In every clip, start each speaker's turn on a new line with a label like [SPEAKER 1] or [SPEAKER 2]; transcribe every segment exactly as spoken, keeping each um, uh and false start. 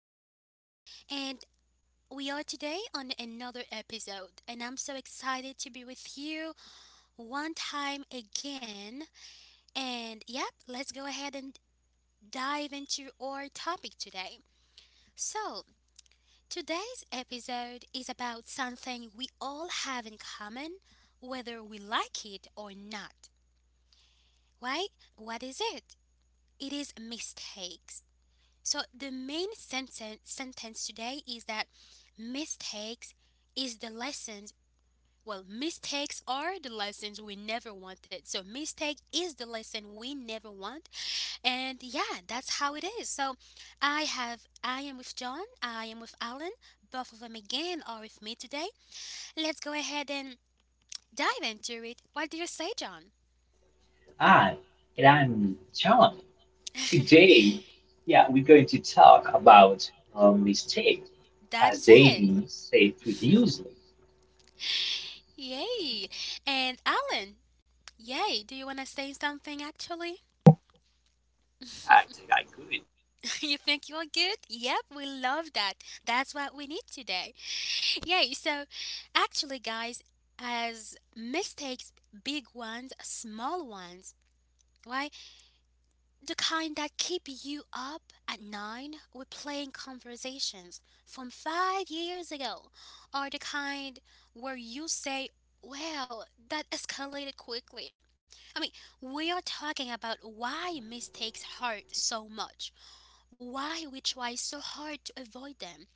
[SPEAKER 1] already know, and we are today on another episode. And I'm so excited to be with you one time again. And yep, let's go ahead and dive into our topic today. So, today's episode is about something we all have in common, whether we like it or not. Right? What is it? It is mistakes. So the main sentence sentence today is that mistakes is the lessons. Well, mistakes are the lessons we never wanted. So mistake is the lesson we never want, and yeah, that's how it is. So I have I am with John. I am with Alan. Both of them again are with me today. Let's go ahead and dive into it. What do you say, John?
[SPEAKER 2] Hi, and I'm John. Today, yeah, we're going to talk about uh, mistake as
[SPEAKER 1] That's it.
[SPEAKER 2] daily say previously.
[SPEAKER 1] Yay! And Alan, yay! Do you want to say something actually?
[SPEAKER 3] I think I could.
[SPEAKER 1] You think you're good? Yep, we love that. That's what we need today. Yay. So, actually, guys, as mistakes, big ones, small ones, right? The kind that keep you up at nine with playing conversations from five years ago, or the kind where you say, well, that escalated quickly. I mean, we are talking about why mistakes hurt so much, why we try so hard to avoid them,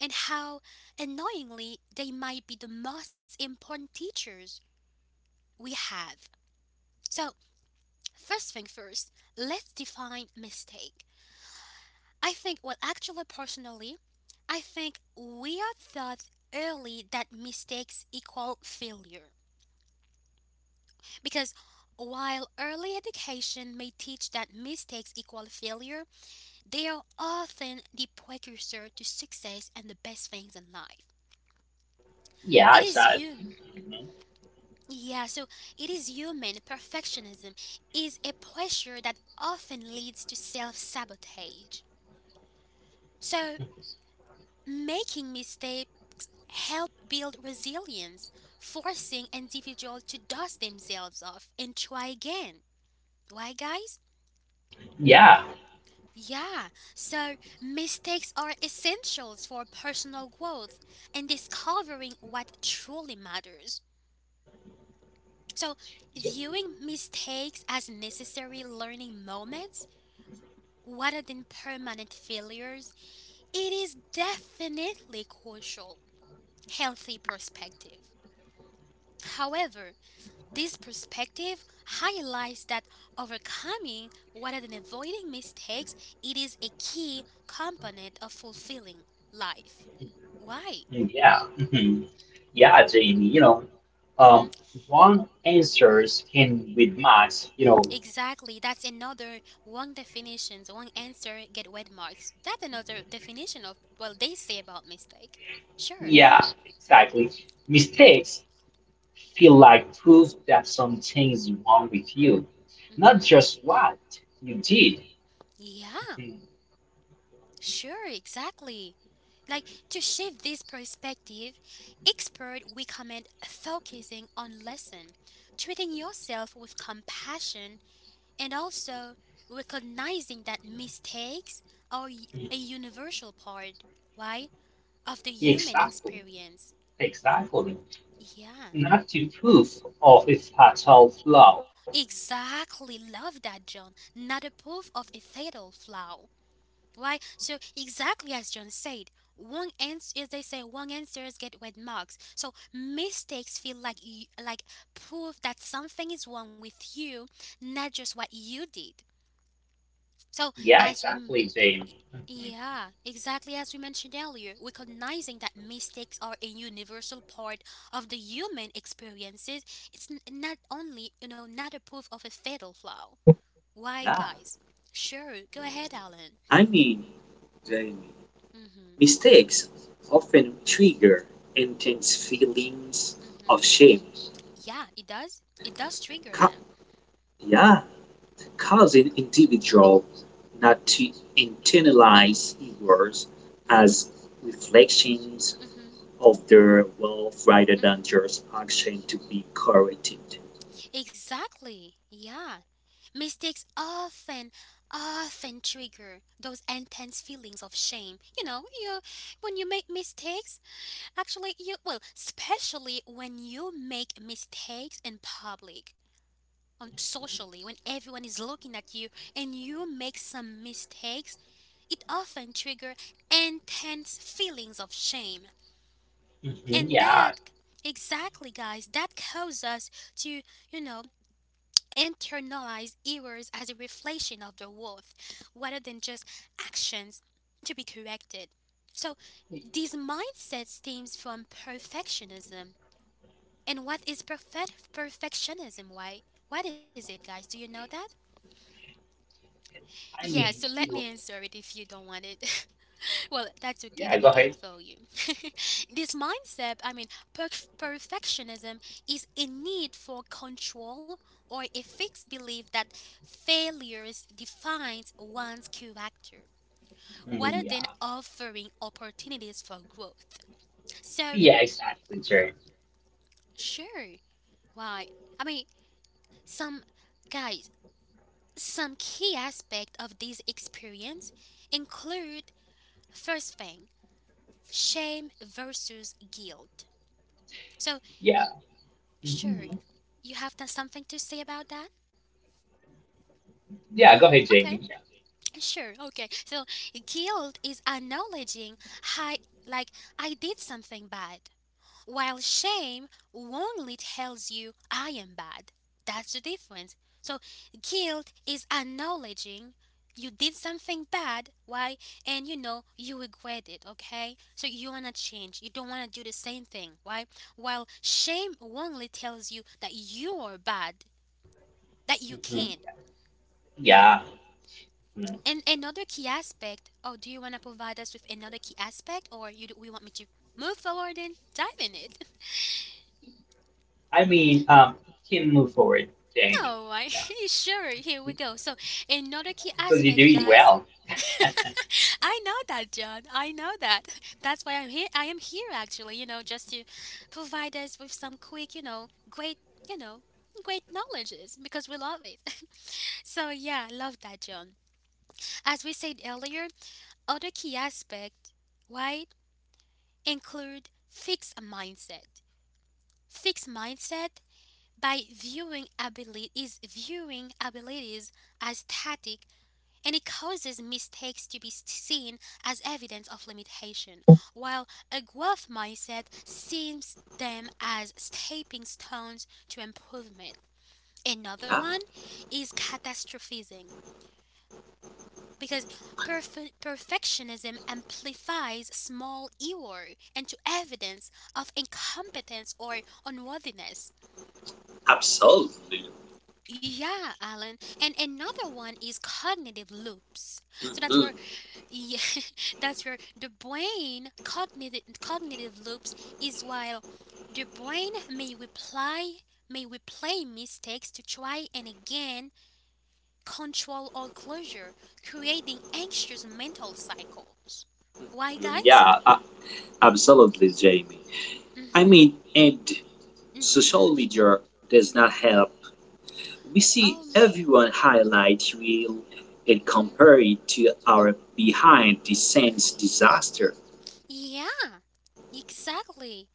[SPEAKER 1] and how annoyingly they might be the most important teachers we have. So, first thing first, let's define mistake. I think, well, actually, personally, I think we are taught early that mistakes equal failure. Because while early education may teach that mistakes equal failure, they are often the precursor to success and the best things in life.
[SPEAKER 2] Yeah,
[SPEAKER 1] It is you.
[SPEAKER 2] exactly. You know.
[SPEAKER 1] Yeah, so it is human. Perfectionism is a pressure that often leads to self sabotage. So, making mistakes help build resilience, forcing individuals to dust themselves off and try again. Why, guys?
[SPEAKER 2] Yeah,
[SPEAKER 1] Yeah, so mistakes are essentials for personal growth and discovering what truly matters. So, viewing mistakes as necessary learning moments rather than permanent failures, it is definitely crucial healthy perspective. However, this perspective highlights that overcoming rather than avoiding mistakes, it is a key component of fulfilling life. Why?
[SPEAKER 2] yeah, mhm. yeah, Jamie. You know,
[SPEAKER 1] Mhm.
[SPEAKER 2] um, wrong answers can with max. You know,
[SPEAKER 1] Exactly, that's another wrong definitions, wrong answer get wet marks. That's another definition of well they say about mistake. Sure.
[SPEAKER 2] yeah, exactly. Mistakes feel like proof that something's wrong with you, not
[SPEAKER 1] Mm-hmm.
[SPEAKER 2] just what you did.
[SPEAKER 1] Yeah,
[SPEAKER 2] Mhm.
[SPEAKER 1] sure, exactly. Like to shift this perspective, expert recommend focusing on lesson, treating yourself with compassion, and also recognizing that mistakes are y- a universal part, right, of the human
[SPEAKER 2] Exactly,
[SPEAKER 1] experience.
[SPEAKER 2] exactly.
[SPEAKER 1] Yeah.
[SPEAKER 2] Not to proof of its fatal flaw.
[SPEAKER 1] Exactly, love that, John. Not a proof of a fatal flaw. Why? So exactly as John said, wrong ans as they say, wrong answers get red marks. So mistakes feel like you, like proof that something is wrong with you, not just what you did. So
[SPEAKER 2] Yeah,
[SPEAKER 1] as we m-
[SPEAKER 2] exactly, Jamie. Hmm.
[SPEAKER 1] yeah, exactly as we mentioned earlier, recognizing that mistakes are a universal part of the human experiences, it's n- not only, you know, not a proof of a fatal flaw. Why,
[SPEAKER 3] Yeah.
[SPEAKER 1] guys? Sure, go ahead, Alan.
[SPEAKER 3] I mean, Jamie,
[SPEAKER 1] Mhm.
[SPEAKER 3] mistakes often trigger intense feelings
[SPEAKER 1] Mhm.
[SPEAKER 3] of shame.
[SPEAKER 1] Yeah, it does. It does trigger
[SPEAKER 3] Ca-
[SPEAKER 1] them.
[SPEAKER 3] yeah, Causing individuals not to internalize errors
[SPEAKER 1] Mhm.
[SPEAKER 3] as reflections
[SPEAKER 1] Mhm.
[SPEAKER 3] of their wealth rather
[SPEAKER 1] Mhm.
[SPEAKER 3] than just action to be corrected.
[SPEAKER 1] Exactly. Yeah. Mistakes often, often trigger those intense feelings of shame. You know, you when you make mistakes, actually, you well, especially when you make mistakes in public, on socially when everyone is looking at you and you make some mistakes, it often triggers intense feelings of shame.
[SPEAKER 2] Hmm.
[SPEAKER 1] And
[SPEAKER 2] Yeah,
[SPEAKER 1] that exactly guys, that causes us to, you know, internalize errors as a reflection of the worth rather than just actions to be corrected. So this mindset stems from perfectionism. And what is perfect perfectionism? Why? What is it, guys? Do you know that?
[SPEAKER 2] I
[SPEAKER 1] Yeah, so
[SPEAKER 2] mean,
[SPEAKER 1] let me
[SPEAKER 2] you know,
[SPEAKER 1] answer it if you don't want it. Well, that's okay.
[SPEAKER 2] yeah,
[SPEAKER 1] Let me
[SPEAKER 2] go
[SPEAKER 1] get
[SPEAKER 2] ahead.
[SPEAKER 1] it for you. This mindset, I mean, perf- perfectionism is a need for control or a fixed belief that failures defines one's character
[SPEAKER 2] Mm,
[SPEAKER 1] rather than
[SPEAKER 2] yeah,
[SPEAKER 1] offering opportunities for growth. So,
[SPEAKER 2] yeah, exactly, Jamie.
[SPEAKER 1] sure, why? I mean, some guys, some key aspect of this experience include first thing, shame versus guilt. So,
[SPEAKER 2] Yeah,
[SPEAKER 1] sure,
[SPEAKER 2] hmm,
[SPEAKER 1] you have done something to say about that? No?
[SPEAKER 2] yeah, go ahead,
[SPEAKER 1] Okay,
[SPEAKER 2] Jamie.
[SPEAKER 1] sure, okay. So, guilt is acknowledging, hi, like, I did something bad. While shame only tells you I am bad. That's the difference. So guilt is acknowledging you did something bad, why? And you know you regret it, okay? So you wanna change. You don't wanna do the same thing, why? While shame only tells you that you are bad, that you
[SPEAKER 2] Yeah, hmm,
[SPEAKER 1] can't.
[SPEAKER 2] yeah. Mm.
[SPEAKER 1] And another key aspect. Oh, do you wanna provide us with another key aspect, or you do, we want me to move forward and dive in it?
[SPEAKER 2] I mean, um, you can move forward, Jamie.
[SPEAKER 1] No, I
[SPEAKER 2] Yeah,
[SPEAKER 1] sure. Here we
[SPEAKER 2] be-
[SPEAKER 1] go. So another key
[SPEAKER 2] because you're
[SPEAKER 1] aspect,
[SPEAKER 2] doing
[SPEAKER 1] guys.
[SPEAKER 2] well.
[SPEAKER 1] I know that, John. I know that. That's why I'm here. I am here, actually. You know, just to provide us with some quick, you know, great, you know, great knowledges because we love it. So yeah, I love that, John. As we said earlier, other key aspect, right, include fixed mindset. Fixed mindset by viewing ability is viewing abilities as static and it causes mistakes to be seen as evidence of limitation, while a growth mindset sees them as stepping stones to improvement. Another
[SPEAKER 3] Yeah,
[SPEAKER 1] one is catastrophizing. Because perf- perfectionism amplifies small error into evidence of incompetence or unworthiness.
[SPEAKER 3] absolutely.
[SPEAKER 1] Yeah, Alan. And another one is cognitive loops. So that's where
[SPEAKER 3] Mhm.
[SPEAKER 1] yeah, that's where the brain cognitive cognitive loops is while the brain may reply may replay mistakes to try and again control or closure, creating anxious mental cycles. Why guys?
[SPEAKER 3] Yeah, a- Absolutely, Jamie. I
[SPEAKER 1] Mm-hmm.
[SPEAKER 3] mean, and
[SPEAKER 1] Mm-hmm.
[SPEAKER 3] social media does not help.
[SPEAKER 1] Mm-hmm.
[SPEAKER 3] We
[SPEAKER 1] Oh
[SPEAKER 3] see
[SPEAKER 1] man.
[SPEAKER 3] everyone highlight reel and
[SPEAKER 1] Mm-hmm.
[SPEAKER 3] compare it to our behind the scenes disaster.
[SPEAKER 1] Yeah, exactly.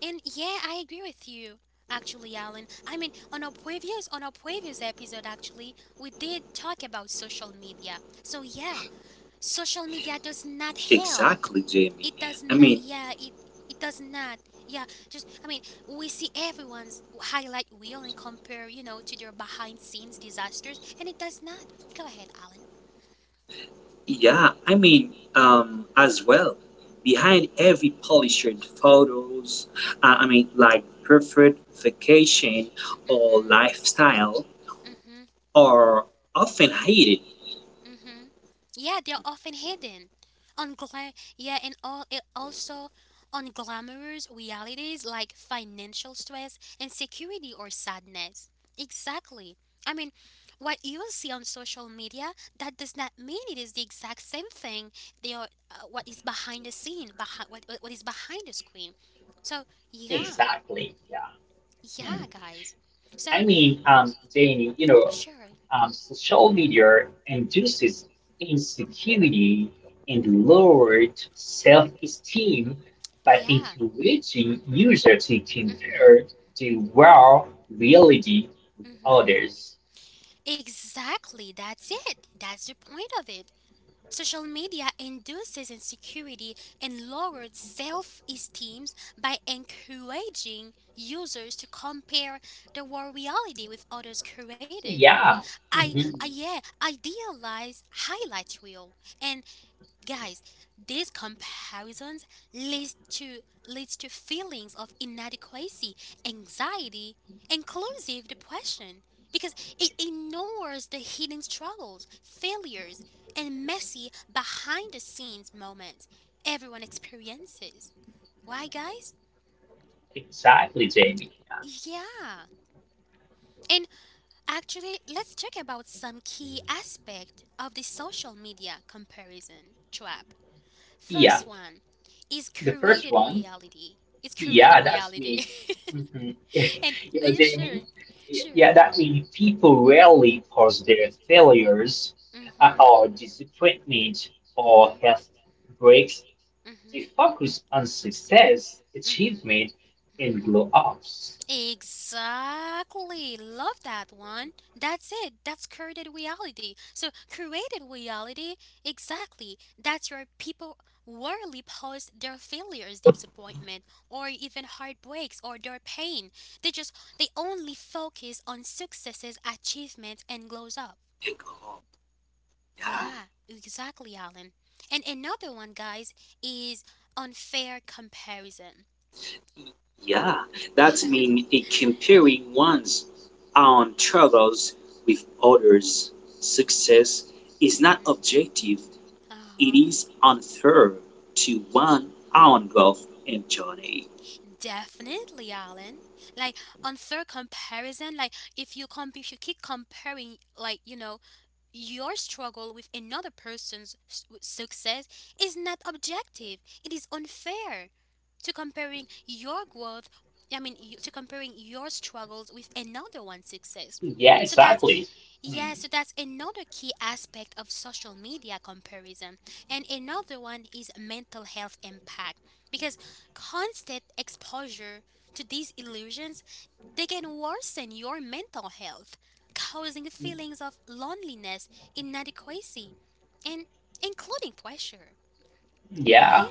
[SPEAKER 1] And yeah, I agree with you. Actually, Alan, I mean, on our previous on our previous episode, actually, we did talk about social media. So yeah, social media does not help.
[SPEAKER 3] Exactly, Jamie.
[SPEAKER 1] It does
[SPEAKER 3] I
[SPEAKER 1] not.
[SPEAKER 3] mean,
[SPEAKER 1] Yeah, it it does not. Yeah, just I mean, we see everyone's highlight reel and compare, you know, to their behind scenes disasters, and it does not. Go ahead, Alan.
[SPEAKER 3] yeah, I mean, um, as well. Behind every polished photos, uh, I mean, like perfect vacation or lifestyle,
[SPEAKER 1] Mm-hmm.
[SPEAKER 3] are often hated.
[SPEAKER 1] Mm-hmm. Yeah, they're often hidden. On gla- yeah, and all it also on glamorous realities like financial stress, insecurity, or sadness. Exactly. I mean, what you will see on social media that does not mean it is the exact same thing. They are uh, what is behind the scene, behind what what is behind the screen. So yeah,
[SPEAKER 2] Exactly. Yeah. Mm.
[SPEAKER 1] yeah, guys.
[SPEAKER 2] I
[SPEAKER 1] So
[SPEAKER 2] mean, um, Jamie, you know,
[SPEAKER 1] sure,
[SPEAKER 2] Um, social media induces insecurity and lowered self-esteem by
[SPEAKER 1] yeah.
[SPEAKER 2] encouraging users to
[SPEAKER 1] Mm-hmm.
[SPEAKER 2] compare the real reality with
[SPEAKER 1] Mm-hmm.
[SPEAKER 2] others.
[SPEAKER 1] Exactly, that's it. That's the point of it. Social media induces insecurity and lowered self esteem by encouraging users to compare their war reality with others
[SPEAKER 2] So
[SPEAKER 1] created.
[SPEAKER 2] yeah,
[SPEAKER 1] I, I
[SPEAKER 2] mhm,
[SPEAKER 1] yeah, idealize highlight reel and guys, these comparisons leads to leads to feelings of inadequacy, anxiety, inclusive depression because it ignores the hidden struggles, failures, and messy behind the scenes moments everyone experiences. Why guys?
[SPEAKER 2] exactly, Jamie. Yeah.
[SPEAKER 1] Yeah. And actually, let's talk about some key aspect of the social media comparison trap.
[SPEAKER 2] yeah,
[SPEAKER 1] First one is
[SPEAKER 2] the first
[SPEAKER 1] created
[SPEAKER 2] one.
[SPEAKER 1] reality. It's created
[SPEAKER 2] Yeah, that's
[SPEAKER 1] reality.
[SPEAKER 2] me. Hmm.
[SPEAKER 1] And
[SPEAKER 2] You
[SPEAKER 1] are
[SPEAKER 2] know,
[SPEAKER 1] you sure?
[SPEAKER 2] Jamie? Y-
[SPEAKER 1] Sure.
[SPEAKER 2] Yeah, that means people rarely post their failures uh,
[SPEAKER 1] Mhm.
[SPEAKER 2] or disappointment or
[SPEAKER 1] Mhm.
[SPEAKER 2] health breaks. They
[SPEAKER 1] Mhm.
[SPEAKER 2] focus on success,
[SPEAKER 1] Mhm.
[SPEAKER 2] achievement, and
[SPEAKER 1] Mhm.
[SPEAKER 2] blow ups.
[SPEAKER 1] Exactly. Love that one. That's it. That's created reality. So created reality, exactly. That's where people rarely post their failures, disappointment, or even heartbreaks or their pain. They just they only focus on successes, achievements and glows up. Yeah, exactly, Alan. And another one, guys, is unfair comparison.
[SPEAKER 3] Yeah, that means comparing one's own struggles with others' success is not
[SPEAKER 1] Mm-hmm.
[SPEAKER 3] objective. It
[SPEAKER 1] Uh-huh.
[SPEAKER 3] is unfair to one' own growth and journey.
[SPEAKER 1] Definitely, Alan. Like unfair comparison. Like if you comp, if you keep comparing, like you know, your struggle with another person's s- w- success is not objective. It is unfair to comparing your growth. I mean, y- to comparing your struggles with another one's success.
[SPEAKER 2] Yeah,
[SPEAKER 1] So that
[SPEAKER 2] exactly. Mm,
[SPEAKER 1] yeah, so that's another key aspect of social media comparison. And another one is mental health impact because constant exposure to these illusions, they can worsen your mental health, causing feelings of loneliness, inadequacy, and including pressure.
[SPEAKER 2] yeah,
[SPEAKER 1] Why?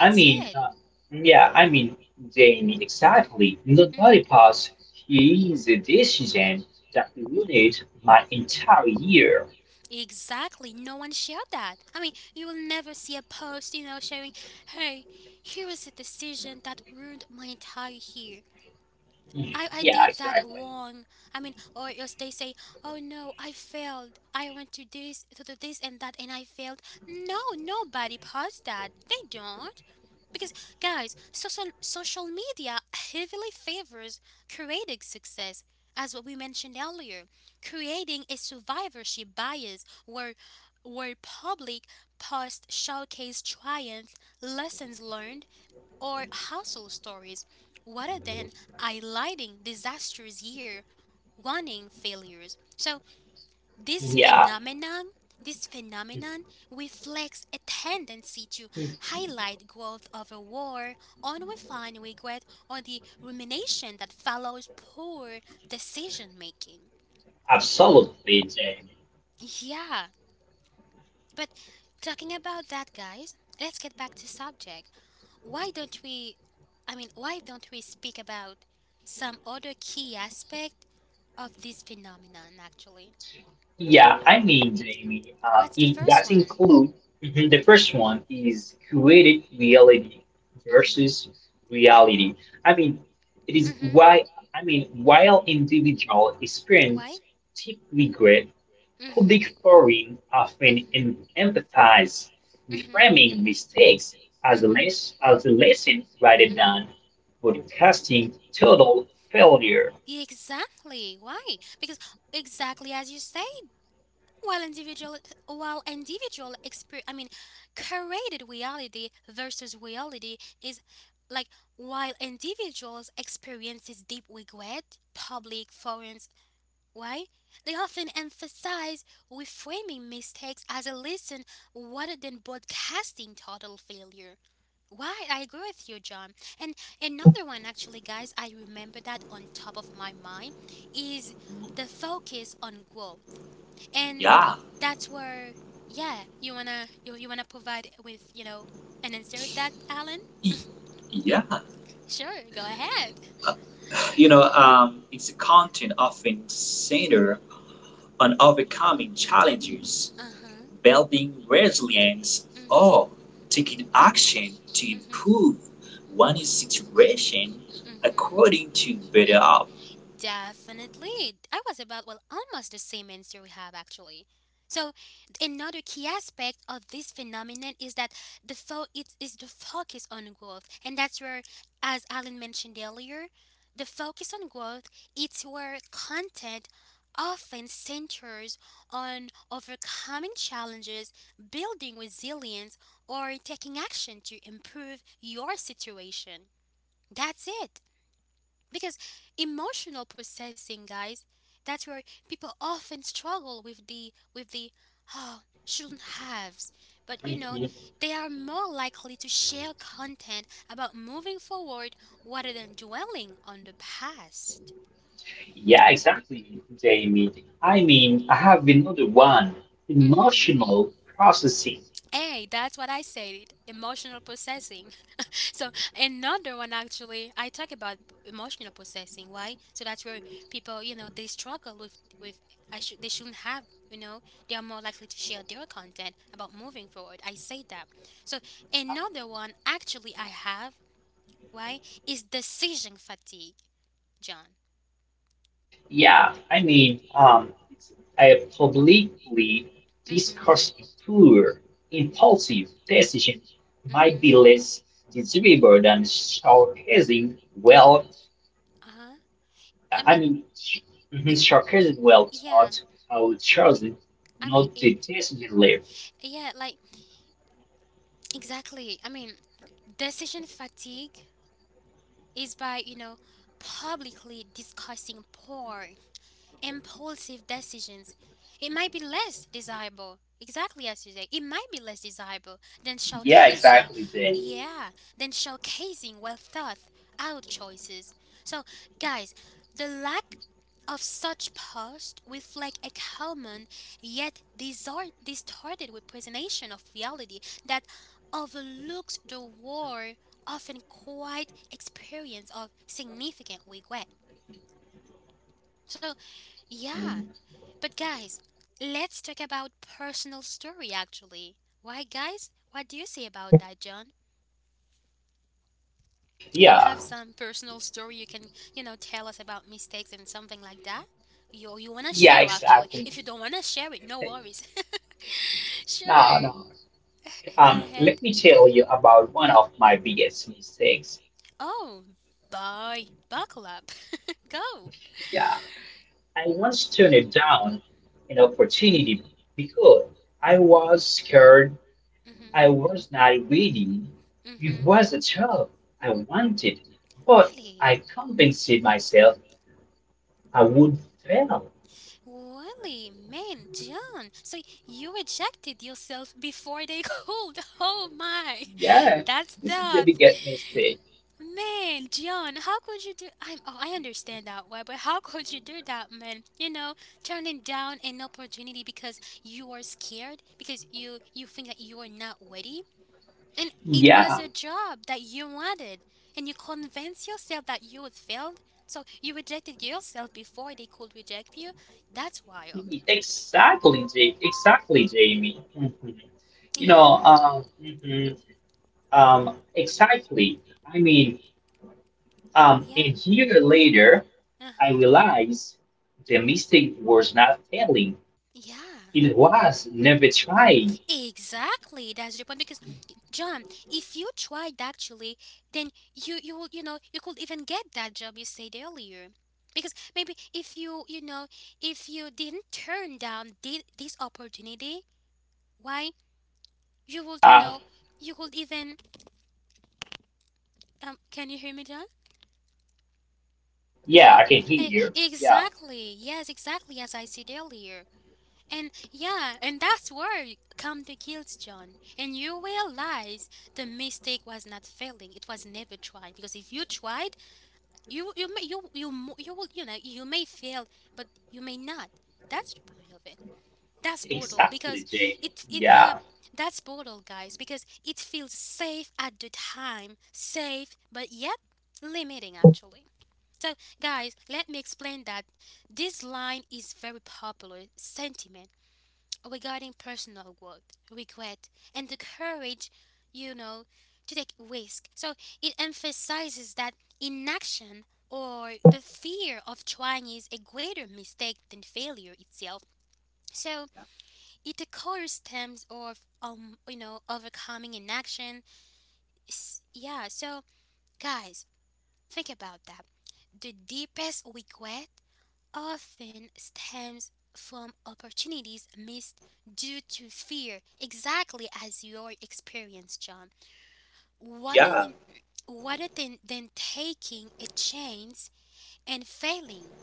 [SPEAKER 2] I mean,
[SPEAKER 1] it.
[SPEAKER 2] uh, yeah, I mean, Jamie, exactly. Nobody
[SPEAKER 1] Mhm.
[SPEAKER 2] posts, here's a decision that ruined my entire year.
[SPEAKER 1] Exactly. No one shared that. I mean, you will never see a post, you know, sharing, hey, here was a decision that ruined my entire year.
[SPEAKER 2] Mhm.
[SPEAKER 1] I, I
[SPEAKER 2] Yeah,
[SPEAKER 1] did that
[SPEAKER 2] exactly.
[SPEAKER 1] wrong. I mean, or else they say, oh no, I failed. I went to this, to do this and that, and I failed. No, nobody posts that. They don't. Because, guys, social, social media heavily favors creating success, as what we mentioned earlier, creating a survivorship bias where, where public posts showcase triumph, lessons learned, or household stories rather than highlighting disastrous year warning failures. So this
[SPEAKER 2] Yeah,
[SPEAKER 1] phenomenon this phenomenon reflects a tendency to
[SPEAKER 2] mhm,
[SPEAKER 1] highlight growth of a war, unrefined regret, or the rumination that follows poor decision making.
[SPEAKER 2] absolutely, Jamie.
[SPEAKER 1] Yeah, but talking about that, guys, let's get back to subject. Why don't we, I mean, why don't we speak about some other key aspect of this phenomenon actually?
[SPEAKER 2] Yeah, I mean, Jamie, uh,
[SPEAKER 1] What's the
[SPEAKER 2] it
[SPEAKER 1] first
[SPEAKER 2] does
[SPEAKER 1] one?
[SPEAKER 2] include mhm, the
[SPEAKER 1] Hmm.
[SPEAKER 2] first one is created reality
[SPEAKER 1] Hmm.
[SPEAKER 2] versus reality. I mean, it is
[SPEAKER 1] Hmm.
[SPEAKER 2] why, I mean, While individual
[SPEAKER 1] Why?
[SPEAKER 2] experience typically
[SPEAKER 1] Mm-hmm.
[SPEAKER 2] public forums often
[SPEAKER 1] Hmm.
[SPEAKER 2] em- emphasize
[SPEAKER 1] Hmm. Hmm.
[SPEAKER 2] reframing mistakes as a, les- as a lesson rather than broadcasting total failure.
[SPEAKER 1] Exactly. Why? Because exactly as you said, While individual, while individual experience, I mean, created reality versus reality is like while individuals experiences deep regret, public forums, why they often emphasize reframing mistakes as a lesson rather than broadcasting total failure. Why I agree with you, John. And another one, actually, guys, I remember that on top of my mind is the focus on growth, and
[SPEAKER 3] Yeah,
[SPEAKER 1] that's where yeah you wanna you, you wanna provide with you know an answer of that, Alan.
[SPEAKER 3] y- yeah.
[SPEAKER 1] Sure, go ahead.
[SPEAKER 3] You know, um, it's a content often centered on overcoming challenges,
[SPEAKER 1] Uh-huh.
[SPEAKER 3] building resilience, or
[SPEAKER 1] Mm-hmm.
[SPEAKER 3] taking action to
[SPEAKER 1] Mm-hmm.
[SPEAKER 3] improve
[SPEAKER 1] Mm-hmm.
[SPEAKER 3] one's situation
[SPEAKER 1] Mm-hmm.
[SPEAKER 3] according to better outcome.
[SPEAKER 1] Definitely. I was about, well, almost the same answer we have actually. So, another key aspect of this phenomenon is that the fo- it is the focus on growth. And that's where, as Alan mentioned earlier, the focus on growth, it's where content often centers on overcoming challenges, building resilience, or taking action to improve your situation. That's it. Because emotional processing, guys, that's where people often struggle with the with the oh shouldn't haves. But you know,
[SPEAKER 2] Mhm.
[SPEAKER 1] they are more likely to share content about moving forward rather than dwelling on the past.
[SPEAKER 2] Yeah, exactly, Jamie. I mean, I have another one,
[SPEAKER 1] Mm-hmm.
[SPEAKER 2] emotional processing.
[SPEAKER 1] Hey, that's what I said. Emotional processing. So another one actually, I talk about emotional processing. Why? So that's where people, you know, they struggle with with I should they shouldn't have. You know, they are more likely to share their content about moving forward. I say that. So another one actually I have. Why is decision fatigue, John?
[SPEAKER 2] Yeah, I mean, um, I publicly
[SPEAKER 1] Mm-hmm.
[SPEAKER 2] discussed poor, impulsive decision might
[SPEAKER 1] Mm-hmm.
[SPEAKER 2] be less desirable than sarcasm.
[SPEAKER 1] They.
[SPEAKER 2] Well,
[SPEAKER 1] Uh huh. I
[SPEAKER 2] I
[SPEAKER 1] mean,
[SPEAKER 2] mean, mhm,
[SPEAKER 1] y- y-
[SPEAKER 2] Sarcasm well
[SPEAKER 1] yeah.
[SPEAKER 2] thought out chosen,
[SPEAKER 1] I mean,
[SPEAKER 2] not
[SPEAKER 1] it,
[SPEAKER 2] the decision layer.
[SPEAKER 1] yeah. Like exactly. I mean, decision fatigue is by, you know, publicly discussing porn impulsive decisions. It might be less desirable, exactly as you say, it might be less desirable than
[SPEAKER 2] Yeah,
[SPEAKER 1] showcasing,
[SPEAKER 2] exactly. Then,
[SPEAKER 1] yeah, than showcasing well thought out choices. So, guys, the lack of such posts reflect a common yet disor- distorted representation of reality that overlooks the war often quite experience of significant regret. So yeah, but guys, let's talk about personal story actually. Why guys? What do you say about that, John? Do you
[SPEAKER 2] yeah,
[SPEAKER 1] have some personal story you can, you know, tell us about mistakes and something like that? Yo, you wanna share
[SPEAKER 2] yeah,
[SPEAKER 1] actually. If
[SPEAKER 2] exactly.
[SPEAKER 1] you don't wanna share it, no worries.
[SPEAKER 2] No,
[SPEAKER 1] Sure.
[SPEAKER 2] no.
[SPEAKER 1] Go
[SPEAKER 2] Um,
[SPEAKER 1] ahead.
[SPEAKER 2] let me tell you about one of my biggest mistakes.
[SPEAKER 1] Oh, boy, buckle up. Go.
[SPEAKER 2] Yeah. I once turned it down an opportunity because I was scared,
[SPEAKER 1] Mhm.
[SPEAKER 2] I was not reading. It
[SPEAKER 1] Mhm.
[SPEAKER 2] was a job I wanted, but
[SPEAKER 1] Really?
[SPEAKER 2] I convinced myself I would fail.
[SPEAKER 1] Really, man, John. So you rejected yourself before they called. Oh my,
[SPEAKER 2] Yeah,
[SPEAKER 1] that's
[SPEAKER 2] this is the
[SPEAKER 1] that.
[SPEAKER 2] biggest mistake.
[SPEAKER 1] Man, John, how could you do? I'm. Oh, I understand that why, but how could you do that, man? You know, turning down an opportunity because you are scared, because you you think that you are not worthy, and it was
[SPEAKER 2] Yeah,
[SPEAKER 1] a job that you wanted, and you convinced yourself that you would failed. So you rejected yourself before they could reject you. That's wild.
[SPEAKER 2] exactly, J- exactly, Jamie. Mhm. You know,
[SPEAKER 1] Yeah.
[SPEAKER 2] um, mhm, um, exactly. I mean, um, A
[SPEAKER 1] Yeah.
[SPEAKER 2] year later, I
[SPEAKER 1] Uh-huh.
[SPEAKER 2] realized the mistake was not failing.
[SPEAKER 1] Yeah.
[SPEAKER 2] It was never trying.
[SPEAKER 1] Exactly. That's the point because John, if you tried actually, then you you will, you know, you could even get that job you said earlier. Because maybe if you, you know, if you didn't turn down thi- this opportunity, why you would, you
[SPEAKER 2] Yeah,
[SPEAKER 1] know, you could even um can you hear me, John?
[SPEAKER 2] yeah,
[SPEAKER 1] John?
[SPEAKER 2] I can hear
[SPEAKER 1] Eh,
[SPEAKER 2] you. Yeah,
[SPEAKER 1] exactly. Yes, exactly as I said earlier. And yeah, and that's where y- come the guilt, John. And you realize the mistake was not failing; it was never tried. Because if you tried, you you may you you mo- you will you know you may fail, but you may not. That's the point of it. That's brutal because
[SPEAKER 2] exactly, Jamie.
[SPEAKER 1] it it yeah
[SPEAKER 2] Yeah,
[SPEAKER 1] that's brutal, guys. Because it feels safe at the time, safe, but yet limiting actually. So, guys, let me explain that this line is very popular sentiment regarding personal growth, regret, and the courage, you know, to take risk. So it emphasizes that inaction or the fear of trying is a greater mistake than failure itself. So it occurs stems of um you know overcoming inaction. S- Yeah, so guys, think about that. The deepest regret often stems from opportunities missed due to fear, exactly as your experience, John. Rather
[SPEAKER 3] Yeah,
[SPEAKER 1] than, rather than, than taking a chance and failing.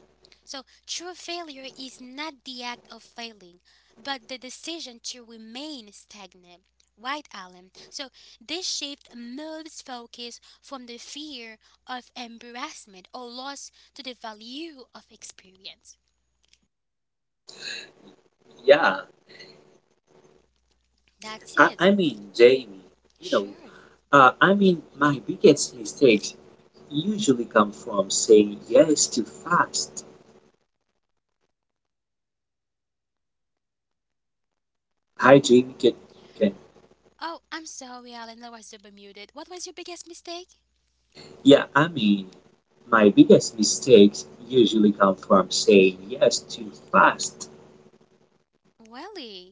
[SPEAKER 1] So, true failure is not the act of failing, but the decision to remain stagnant. Right, Alan? So, this shift moves focus from the fear of embarrassment or loss to the value of experience.
[SPEAKER 3] yeah.
[SPEAKER 1] That's
[SPEAKER 3] I,
[SPEAKER 1] it.
[SPEAKER 3] I mean, Jamie, you know,
[SPEAKER 1] Sure.
[SPEAKER 3] uh, I mean, my biggest mistakes usually come from saying yes too fast. Hi, Jamie. Can, can,
[SPEAKER 1] Oh, I'm sorry, Alan. I was super muted. What was your biggest mistake?
[SPEAKER 3] yeah, I mean, my biggest mistakes usually come from saying yes too fast.
[SPEAKER 1] Really?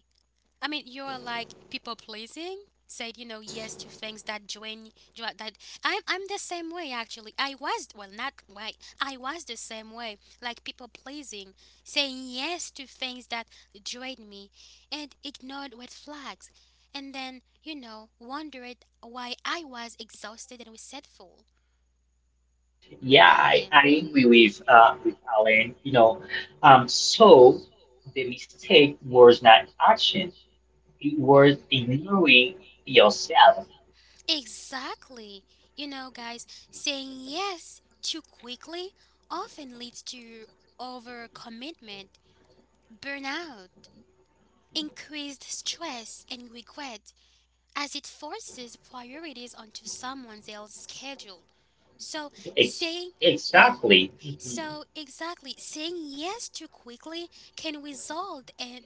[SPEAKER 1] I mean, you're like people pleasing. Said you know yes to things that join jo- that. I'm I'm the same way actually. I was well not why I was the same way like people pleasing, saying yes to things that joined me, and ignored red flags, and then you know wondered why I was exhausted and resentful.
[SPEAKER 2] yeah, I,
[SPEAKER 1] Why?
[SPEAKER 2] I agree with uh, with Alan. You know, um, so the mistake was not action. It was
[SPEAKER 1] Hmm.
[SPEAKER 2] ignoring yourself.
[SPEAKER 1] Exactly. You know, guys, saying yes too quickly often leads to overcommitment, burnout, increased stress, and regret as it forces priorities onto someone else's schedule. So,
[SPEAKER 2] Ex-
[SPEAKER 1] saying
[SPEAKER 2] exactly.
[SPEAKER 1] so, exactly, saying yes too quickly can result in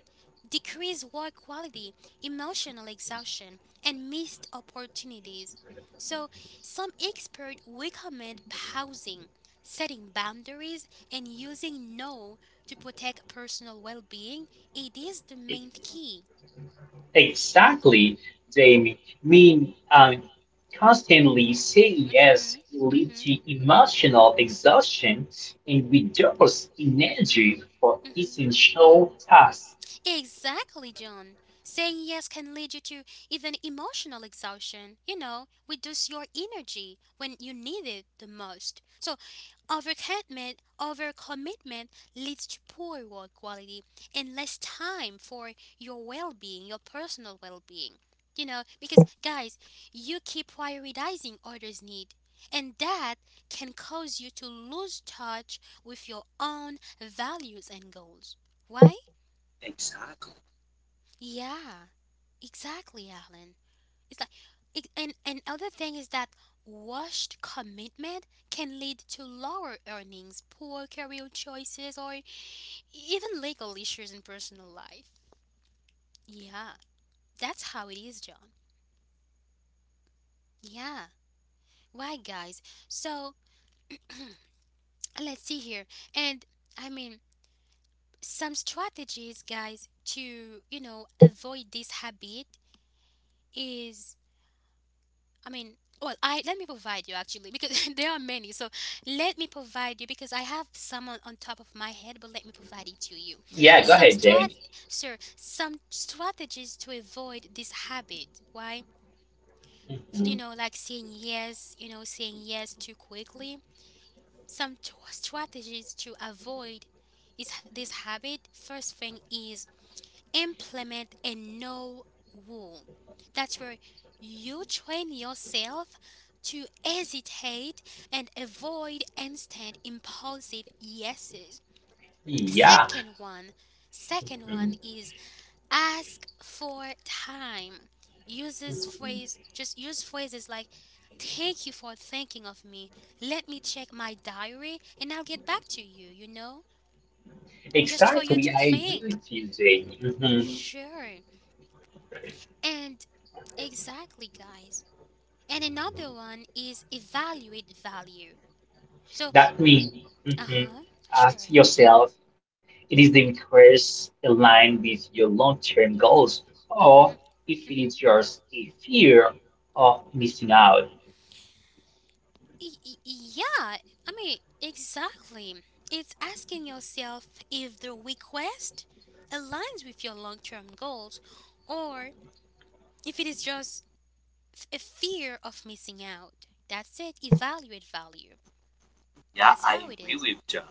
[SPEAKER 1] decreased work quality, emotional exhaustion, and missed opportunities. So, some experts recommend pausing, setting boundaries, and using no to protect personal well being. It is the main key.
[SPEAKER 2] Exactly, Jamie. Mean um, Constantly saying
[SPEAKER 1] Mm
[SPEAKER 2] yes
[SPEAKER 1] hmm.
[SPEAKER 2] can
[SPEAKER 1] Mm
[SPEAKER 2] lead
[SPEAKER 1] hmm.
[SPEAKER 2] to emotional exhaustion and reduce
[SPEAKER 1] Mm hmm.
[SPEAKER 2] energy for
[SPEAKER 1] Mm hmm.
[SPEAKER 2] essential tasks.
[SPEAKER 1] Exactly, John. Saying yes can lead you to even emotional exhaustion, you know, reduce your energy when you need it the most. So, overcommitment, overcommitment leads to poor work quality and less time for your well-being, your personal well-being. You know, because guys, you keep prioritizing others' need and that can cause you to lose touch with your own values and goals. Why?
[SPEAKER 3] Exactly.
[SPEAKER 1] Yeah, exactly, Alan. It's like, it, and and other thing is that washed commitment can lead to lower earnings, poor career choices, or even legal issues in personal life. Yeah, that's how it is, John. Yeah, right, guys. So let's see here, and I mean some strategies, guys, to you know avoid this habit is I mean, well, I let me provide you actually because there are many. So let me provide you because I have some on, on top of my head, but let me provide it to you.
[SPEAKER 2] Yeah, go
[SPEAKER 1] Some
[SPEAKER 2] ahead,
[SPEAKER 1] strat,
[SPEAKER 2] Jamie.
[SPEAKER 1] sure, some strategies to avoid this habit. Why? You
[SPEAKER 2] Mhm.
[SPEAKER 1] know, like saying yes, you know, saying yes too quickly. Some t- strategies to avoid is this habit. First thing is implement a no rule. That's where you train yourself to hesitate and avoid instant impulsive yeses.
[SPEAKER 2] Yeah.
[SPEAKER 1] Second one, second one
[SPEAKER 2] Mhm.
[SPEAKER 1] is ask for time. Uses phrase
[SPEAKER 2] Mhm.
[SPEAKER 1] just use phrases like thank you for thinking of me. Let me check my diary and I'll get back to you, you know? Just for you
[SPEAKER 2] Exactly,
[SPEAKER 1] to
[SPEAKER 2] I agree
[SPEAKER 1] think.
[SPEAKER 2] with you, Jamie. Mhm.
[SPEAKER 1] Sure. And exactly, guys. And another one is evaluate value. So,
[SPEAKER 2] That means
[SPEAKER 1] uh
[SPEAKER 2] mhm,
[SPEAKER 1] huh, sure.
[SPEAKER 2] Ask yourself, it is the request aligned with your long-term goals, or if
[SPEAKER 1] Mm
[SPEAKER 2] it is
[SPEAKER 1] hmm.
[SPEAKER 2] just a fear of missing out.
[SPEAKER 1] Mm-hmm. Yeah, I mean, exactly. It's asking yourself if the request aligns with your long term goals or if it is just f- a fear of missing out. That's it. Evaluate value.
[SPEAKER 3] Yeah,
[SPEAKER 1] That's how
[SPEAKER 3] I
[SPEAKER 1] it
[SPEAKER 3] agree
[SPEAKER 1] is.
[SPEAKER 3] with John.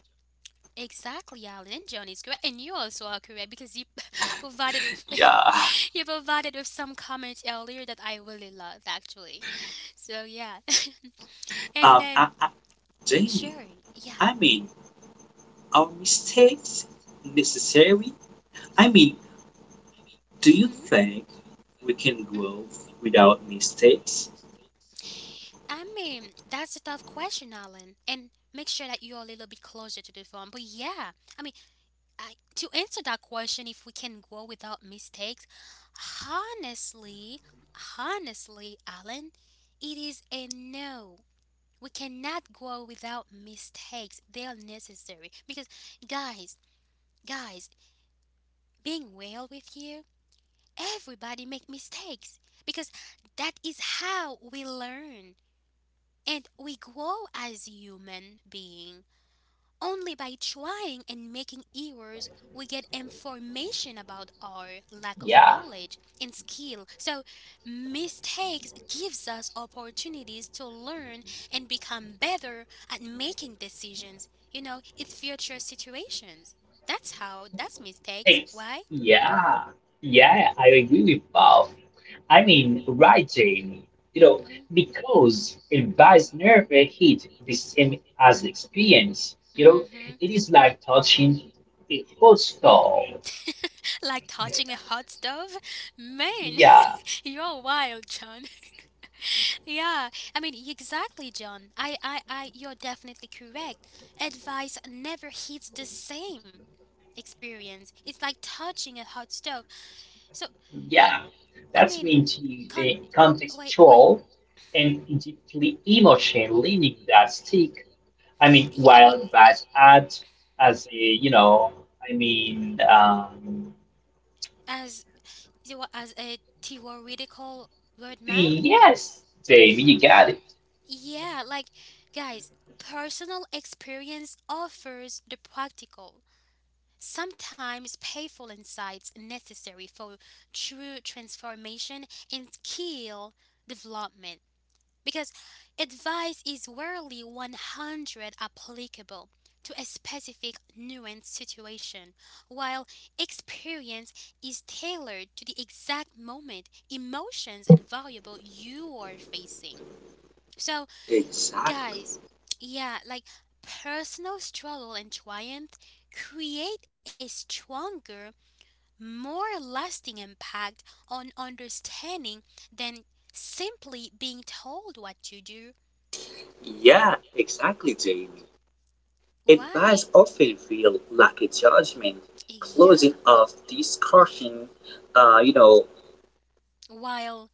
[SPEAKER 1] Exactly, Alan and John is correct, and you also are correct because you provided with
[SPEAKER 3] Yeah.
[SPEAKER 1] you provided with some comments earlier that I really loved, actually. So yeah, and
[SPEAKER 3] Um,
[SPEAKER 1] then
[SPEAKER 3] I, I, Jamie,
[SPEAKER 1] sure, yeah,
[SPEAKER 3] I mean, are mistakes necessary? I mean, do you
[SPEAKER 1] mm-hmm,
[SPEAKER 3] think we can grow
[SPEAKER 1] mm-hmm.
[SPEAKER 3] without mistakes?
[SPEAKER 1] I mean, that's a tough question, Alan, and make sure that you're a little bit closer to the phone. But yeah, I mean, I, to answer that question, if we can go without mistakes, honestly, honestly, Alan, it is a no. We cannot grow without mistakes. They are necessary because guys, guys, being real with you, everybody make mistakes because that is how we learn and we grow as human being. Only by trying and making errors we get information about our lack of
[SPEAKER 2] Yeah,
[SPEAKER 1] knowledge and skill. So mistakes gives us opportunities to learn and become better at making decisions, you know, in future situations. That's how that's mistakes,
[SPEAKER 2] thanks.
[SPEAKER 1] why?
[SPEAKER 2] Yeah, yeah, I agree with Bob. I mean, right, Jamie. You know,
[SPEAKER 1] Mhm.
[SPEAKER 2] because advice
[SPEAKER 1] Mhm.
[SPEAKER 2] never hit the same as experience. You know,
[SPEAKER 1] Mhm.
[SPEAKER 2] it is like touching a hot stove.
[SPEAKER 1] Like touching a hot stove? Man,
[SPEAKER 2] Yeah,
[SPEAKER 1] you're wild, John. Yeah, I mean exactly, John. I, I, I, you're definitely correct. Advice never hits the same experience. It's like touching a hot stove. So
[SPEAKER 2] yeah,
[SPEAKER 1] I mean,
[SPEAKER 2] that's mean to
[SPEAKER 1] con.
[SPEAKER 2] the
[SPEAKER 1] Wait, wait.
[SPEAKER 2] contextual and deeply emotional leaning that stick. I mean,
[SPEAKER 1] Yeah, I mean,
[SPEAKER 2] while bad art, as a, you know, I mean, um,
[SPEAKER 1] as you wa- as a theoretical roadmap.
[SPEAKER 2] Yes, Jamie, you got it.
[SPEAKER 1] Yeah, like guys, personal experience offers the practical. Sometimes painful insights necessary for true transformation and skill development because advice is rarely one hundred applicable to a specific nuanced situation while experience is tailored to the exact moment, emotions and variable you are facing. So
[SPEAKER 3] Exactly.
[SPEAKER 1] guys, yeah, like personal struggle and triumph create a stronger more lasting impact on understanding than simply being told what to do.
[SPEAKER 3] Yeah, exactly, Jamie. Advice
[SPEAKER 1] Why?
[SPEAKER 3] often feel like a judgment,
[SPEAKER 1] Yeah.
[SPEAKER 3] closing off discussion. Uh, you know,
[SPEAKER 1] While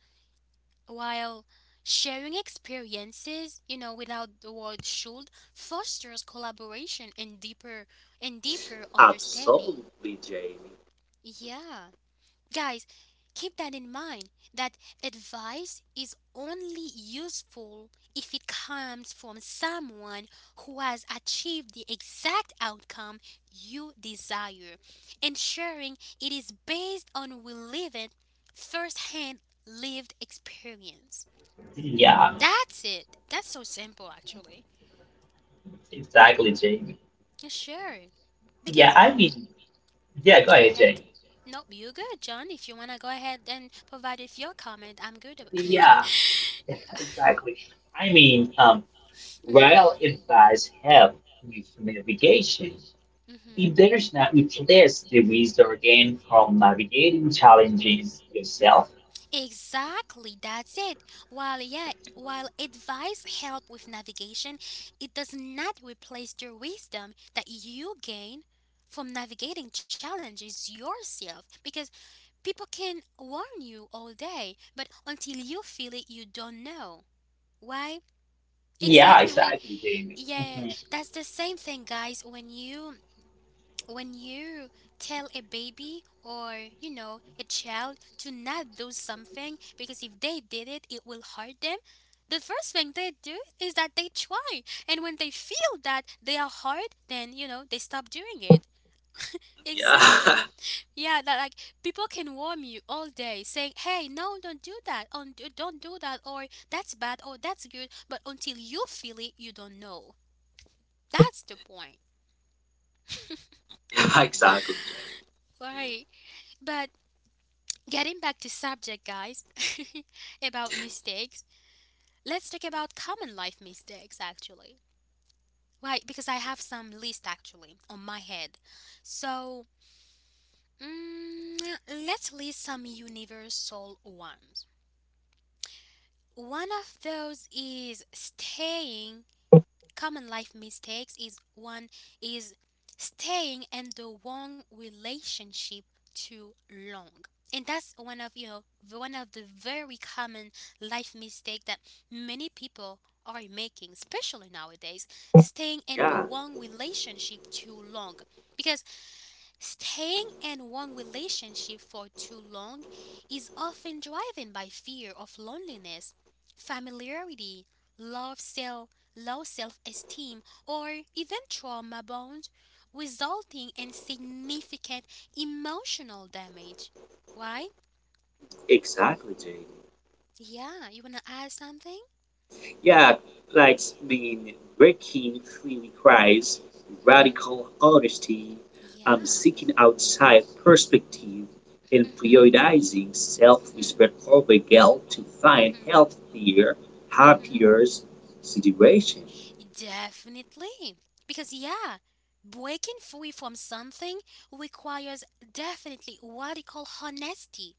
[SPEAKER 1] while sharing experiences, you know, without the word should fosters collaboration and deeper and deeper understanding.
[SPEAKER 3] absolutely, Jamie.
[SPEAKER 1] Yeah. Guys, keep that in mind that advice is only useful if it comes from someone who has achieved the exact outcome you desire, ensuring it is based on relevant first-hand lived experience.
[SPEAKER 2] Yeah,
[SPEAKER 1] That's it. That's so simple actually.
[SPEAKER 2] exactly, Jamie.
[SPEAKER 1] Sure.
[SPEAKER 2] Yeah,
[SPEAKER 1] Because
[SPEAKER 2] I mean, yeah, Go
[SPEAKER 1] go
[SPEAKER 2] ahead,
[SPEAKER 1] ahead.
[SPEAKER 2] Jamie.
[SPEAKER 1] Nope, you good, John. If you wanna go ahead and provide with your comment, I'm good about
[SPEAKER 2] Yeah,
[SPEAKER 1] yeah.
[SPEAKER 2] exactly. I mean, um, while it does help with navigation,
[SPEAKER 1] Mm-hmm.
[SPEAKER 2] if there's not replace the wisdom gained from navigating challenges yourself.
[SPEAKER 1] Exactly, that's it. While yeah, while advice help with navigation, it does not replace the wisdom that you gain from navigating challenges yourself because people can warn you all day, but until you feel it, you don't know. Why?
[SPEAKER 2] Yeah,
[SPEAKER 1] Exactly when
[SPEAKER 2] exactly, David.
[SPEAKER 1] yeah,
[SPEAKER 2] Mhm.
[SPEAKER 1] that's the same thing guys when you when you tell a baby or you know a child to not do something because if they did it it will hurt them. The first thing they do is that they try, and when they feel that they are hurt then you know they stop doing it.
[SPEAKER 3] Yeah,
[SPEAKER 1] Exactly. Yeah, that like people can warn you all day saying hey, no, don't do that on don't do that or that's bad or that's good, but until you feel it you don't know. That's the point.
[SPEAKER 3] yeah, exactly, Jamie.
[SPEAKER 1] Right, but getting back to subject, guys, about mistakes. Let's talk about common life mistakes actually. Why? Because I have some list actually on my head. So, mm, let's list some universal ones. One of those is staying Common life mistakes is one is staying in the wrong relationship too long. And that's one of you know the- one of the very common life mistake that many people are making, especially nowadays, staying in the
[SPEAKER 3] Yeah,
[SPEAKER 1] wrong relationship too long. Because staying in one relationship for too long is often driven by fear of loneliness, familiarity, love self, low self-esteem, or even trauma bonds, resulting in significant emotional damage. Why?
[SPEAKER 3] exactly, Jamie.
[SPEAKER 1] Yeah, you wanna add something?
[SPEAKER 3] Yeah, like I mean, breaking free cries
[SPEAKER 1] Hmm.
[SPEAKER 3] radical honesty. I'm
[SPEAKER 1] Yeah.
[SPEAKER 3] seeking outside perspective and
[SPEAKER 1] Mm-hmm.
[SPEAKER 3] prioritizing self-respect over guilt to find
[SPEAKER 1] Hmm.
[SPEAKER 3] healthier,
[SPEAKER 1] Hmm. Hmm.
[SPEAKER 3] happier situation.
[SPEAKER 1] Definitely. Because, yeah, breaking free from something requires definitely radical honesty.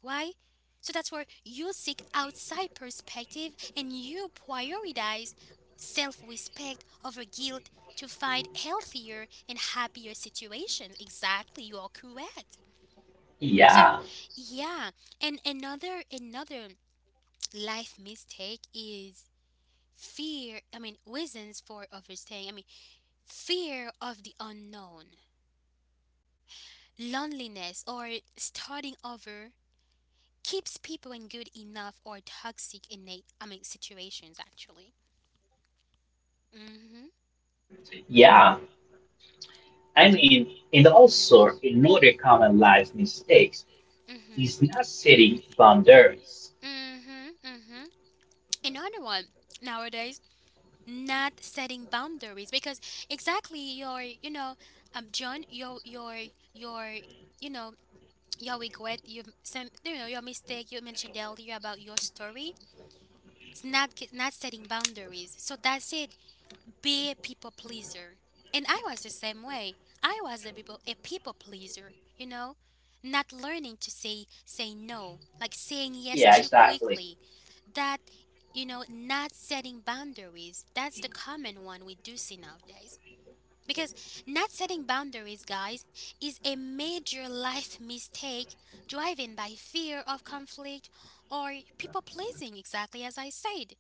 [SPEAKER 1] Why? So that's where you seek outside perspective and you prioritize self respect over guilt to find healthier and happier situations. Exactly, you are correct. So,
[SPEAKER 2] Yeah,
[SPEAKER 1] yeah, and another another life mistake is fear. I mean, reasons for overstaying. I mean, fear of the unknown, loneliness, or starting over keeps people in good enough or toxic innate, I mean, situations actually. Mm-hmm.
[SPEAKER 2] yeah. I mean, and
[SPEAKER 1] Mm-hmm.
[SPEAKER 2] also another common life mistakes
[SPEAKER 1] Mm-hmm.
[SPEAKER 2] is not setting boundaries.
[SPEAKER 1] Mm-hmm. Mm-hmm. Another one nowadays, not setting boundaries because exactly your, you know, um, John, your, your, your, you know, your regret, you some, you know, your mistake. You mentioned earlier about your story. It's not ge- not setting boundaries. So that's it. Be a people pleaser. And I was the same way. I was a people a people pleaser, you know? Not learning to say say no, like saying yes
[SPEAKER 2] Yeah,
[SPEAKER 1] too
[SPEAKER 2] exactly.
[SPEAKER 1] quickly. That you know, not setting boundaries. That's the common one we do see nowadays. Because not setting boundaries, guys, is a major life mistake driven by fear of conflict or people pleasing, exactly as I said,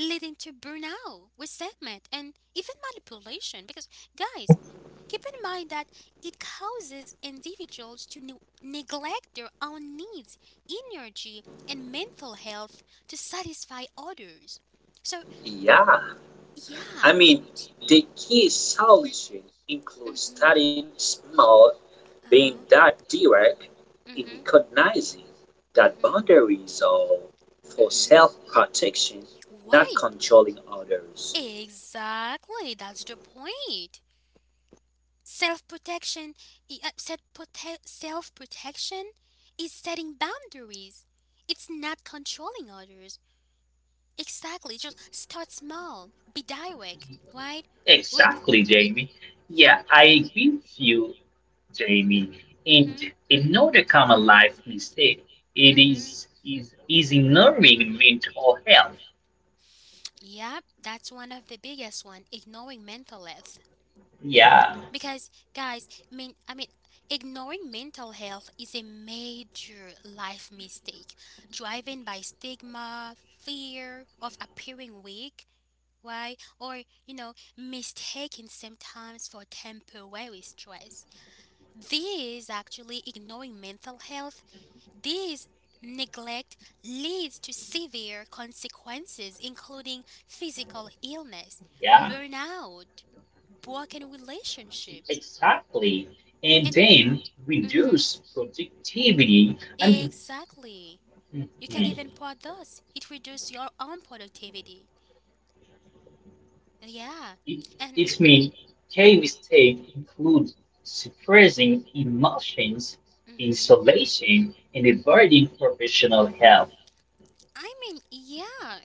[SPEAKER 1] leading to burnout, resentment, and even manipulation. Because, guys, keep in mind that it causes individuals to ne- neglect their own needs, energy, and mental health to satisfy others. So,
[SPEAKER 3] Yeah,
[SPEAKER 1] yeah.
[SPEAKER 3] I mean, the key solution includes
[SPEAKER 1] Mm-hmm.
[SPEAKER 3] starting small, being
[SPEAKER 1] Uh-huh.
[SPEAKER 3] direct in
[SPEAKER 1] Mm-hmm.
[SPEAKER 3] recognizing that
[SPEAKER 1] Mm-hmm.
[SPEAKER 3] boundaries are for
[SPEAKER 1] Mm-hmm.
[SPEAKER 3] self protection, not
[SPEAKER 1] Right.
[SPEAKER 3] controlling others.
[SPEAKER 1] Exactly. That's the point. Self protection, self protection is setting boundaries. It's not controlling others. Exactly. Just start small. Be direct, right? We.
[SPEAKER 2] Exactly, Jamie. Yeah, I agree with you, Jamie. And
[SPEAKER 1] Mhm.
[SPEAKER 2] another common life mistake it
[SPEAKER 1] Mhm.
[SPEAKER 2] is is is ignoring mental health.
[SPEAKER 1] Yep. That's one of the biggest one. Ignoring mental health.
[SPEAKER 2] Yeah,
[SPEAKER 1] Because guys, I mean, I mean, ignoring mental health is a major life mistake, driven by stigma, fear of appearing weak, why, or you know mistaken symptoms for temporary stress. These actually ignoring mental health, these neglect leads to severe consequences including physical illness,
[SPEAKER 2] yeah.
[SPEAKER 1] burnout, broken relationships,
[SPEAKER 2] Exactly. And
[SPEAKER 1] and
[SPEAKER 2] then
[SPEAKER 1] mhm.
[SPEAKER 2] reduce productivity. I mean,
[SPEAKER 1] Exactly, you can
[SPEAKER 2] mm,
[SPEAKER 1] even part those, it reduces your own productivity. Yeah.
[SPEAKER 2] it,
[SPEAKER 1] And
[SPEAKER 2] it means key mistake include suppressing emotions,
[SPEAKER 1] mhm.
[SPEAKER 2] isolation, and
[SPEAKER 1] Mhm.
[SPEAKER 2] avoiding professional help.
[SPEAKER 1] I mean, yeah.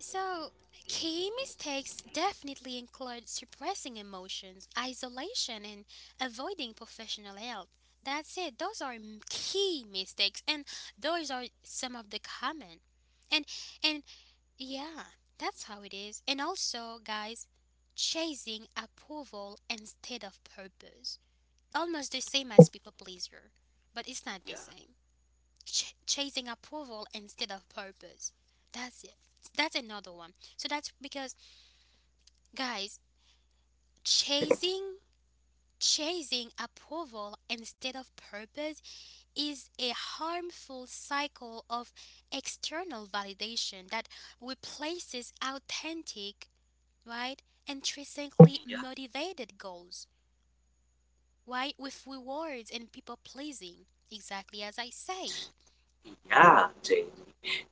[SPEAKER 1] So, key mistakes definitely include suppressing emotions, isolation, and avoiding professional help. That's it. Those are m- key mistakes, and those are some of the common. And and yeah, that's how it is. And also, guys, chasing approval instead of purpose. Almost the same as people pleaser, but it's not the same. Ch- chasing approval instead of purpose. That's it. That's another one. So that's because guys, chasing chasing approval instead of purpose is a harmful cycle of external validation that replaces authentic, right, intrinsically
[SPEAKER 3] Yeah,
[SPEAKER 1] motivated goals, right, with rewards and people pleasing. Exactly as I said.
[SPEAKER 3] yeah. Jane.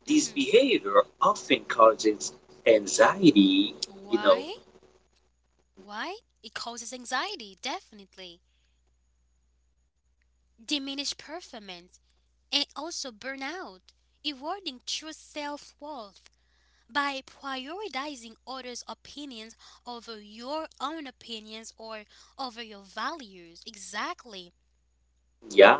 [SPEAKER 3] This
[SPEAKER 1] Hmm.
[SPEAKER 3] behavior often causes anxiety, you know.
[SPEAKER 1] Why? Why? It causes anxiety, definitely, diminished performance, and also burnout, eroding true self worth by prioritizing others' opinions over your own opinions or over your values. Exactly.
[SPEAKER 3] Yeah,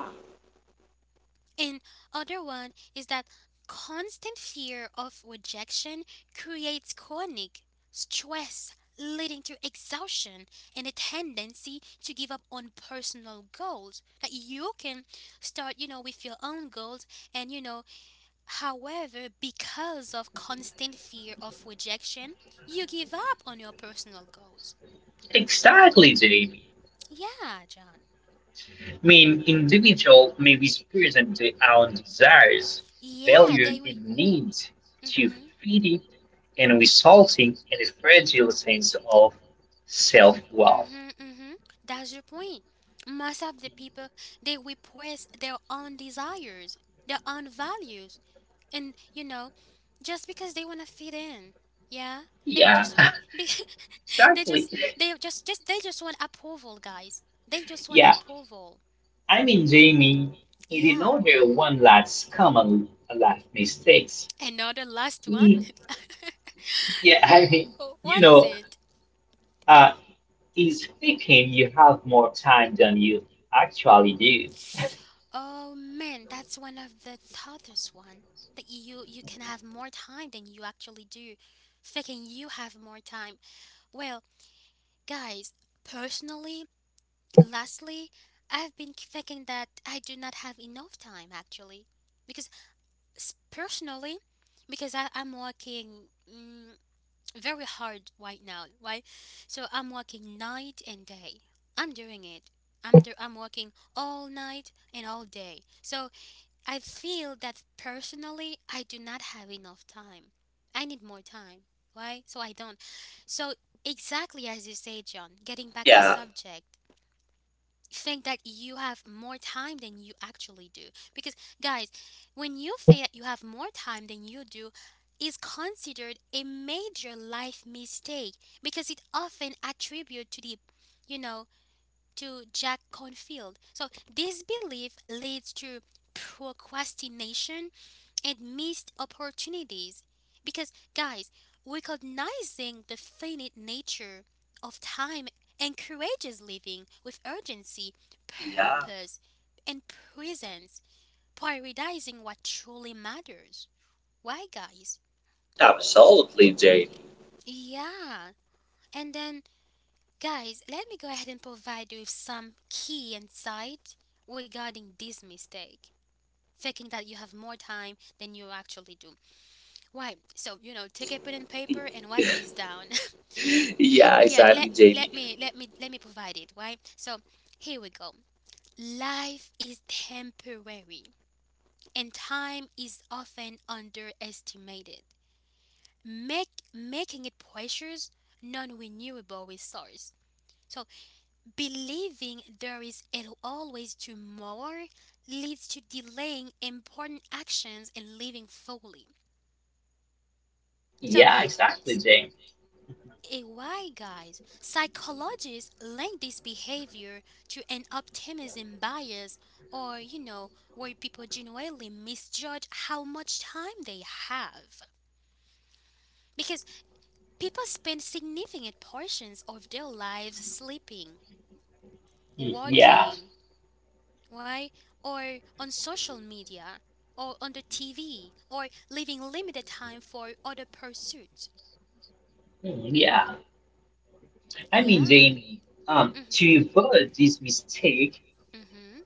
[SPEAKER 1] And other one is that constant fear of rejection creates chronic stress leading to exhaustion and a tendency to give up on personal goals, that you can start you know with your own goals, and you know however because of constant fear of rejection you give up on your personal goals.
[SPEAKER 2] Exactly, Jamie.
[SPEAKER 1] Yeah, John.
[SPEAKER 2] I mean, individual may be experiencing their own desires,
[SPEAKER 1] Yeah,
[SPEAKER 2] value,
[SPEAKER 1] they we.
[SPEAKER 2] and needs to
[SPEAKER 1] Mhm.
[SPEAKER 2] feeding and resulting in a fragile sense of self-worth.
[SPEAKER 1] Mm-hmm, mm-hmm. That's your point. Most of the people, they repress their own desires, their own values, and you know, just because they wanna fit in, yeah, they would
[SPEAKER 2] Yeah,
[SPEAKER 1] just be, they
[SPEAKER 2] exactly.
[SPEAKER 1] just they just just they just want approval, guys. They just want
[SPEAKER 2] Yeah,
[SPEAKER 1] approval.
[SPEAKER 2] I mean, Jamie, he did
[SPEAKER 1] Yeah.
[SPEAKER 2] not do one last common last mistakes.
[SPEAKER 1] Another last one.
[SPEAKER 2] He, yeah, I mean,
[SPEAKER 1] Oh,
[SPEAKER 2] you
[SPEAKER 1] what is
[SPEAKER 2] know,
[SPEAKER 1] it?
[SPEAKER 2] uh, in speaking, you have more time than you actually do.
[SPEAKER 1] Oh man, that's one of the toughest one. That you you can have more time than you actually do. Thinking you have more time. Well, guys, personally, lastly, I've been thinking that I do not have enough time actually. Because s- personally, because I, I'm working mm, very hard right now, right? So I'm working night and day. I'm doing it. I'm, do- I'm working all night and all day. So I feel that personally, I do not have enough time. I need more time. Why? So I don't. So, exactly as you say, John, getting back to
[SPEAKER 3] yeah,
[SPEAKER 1] subject, think that you have more time than you actually do. Because, guys, when you feel that you have more time than you do, is considered a major life mistake because it often attribute to the you know to Jack Confield. So this belief leads to procrastination and missed opportunities. Because guys, recognizing the finite nature of time encourages living with urgency,
[SPEAKER 3] yeah.
[SPEAKER 1] purpose, and presence, prioritizing what truly matters. Why guys?
[SPEAKER 3] Absolutely, Jamie.
[SPEAKER 1] Yeah. And then guys, let me go ahead and provide you with some key insight regarding this mistake. Faking that you have more time than you actually do. Why? So you know, take a pen and paper and write this down.
[SPEAKER 3] yeah,
[SPEAKER 1] Yeah,
[SPEAKER 3] exactly,
[SPEAKER 1] let me let
[SPEAKER 3] Jamie.
[SPEAKER 1] me let me let me provide it. Why? So here we go. Life is temporary and time is often underestimated. Make making it precious non-renewable resource. So believing there is al- always tomorrow leads to delaying important actions and living fully. So,
[SPEAKER 2] Yeah, exactly,
[SPEAKER 1] s-
[SPEAKER 2] Jamie.
[SPEAKER 1] eh, why, guys? Psychologists link this behavior to an optimism bias, or you know, where people genuinely misjudge how much time they have. Because people spend significant portions of their lives sleeping,
[SPEAKER 2] Mm, yeah,
[SPEAKER 1] working, why? Or on social media, or on the T V, or leaving limited time for other pursuits.
[SPEAKER 2] mm, yeah. I mean,
[SPEAKER 1] Yeah.
[SPEAKER 2] Jamie, um,
[SPEAKER 1] Mm-hmm.
[SPEAKER 2] to avoid this mistake,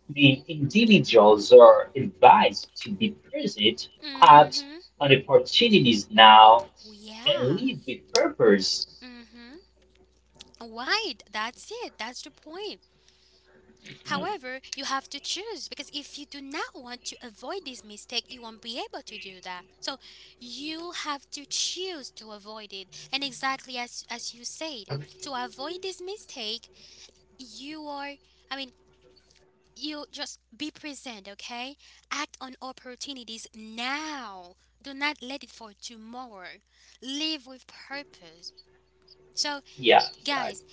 [SPEAKER 2] the individuals are advised to be present at
[SPEAKER 1] Mm-hmm.
[SPEAKER 2] on opportunities now and
[SPEAKER 1] Yeah.
[SPEAKER 2] lead with purpose.
[SPEAKER 1] Mm-hmm. Right. That's it. That's the point. However, you have to choose because if you do not want to avoid this mistake, you won't be able to do that. So you have to choose to avoid it. And exactly as as you said, to avoid this mistake, you are I mean, you just be present, okay? Act on opportunities now. Do not let it for tomorrow. Live with purpose. So,
[SPEAKER 2] Yeah, I-
[SPEAKER 1] guys,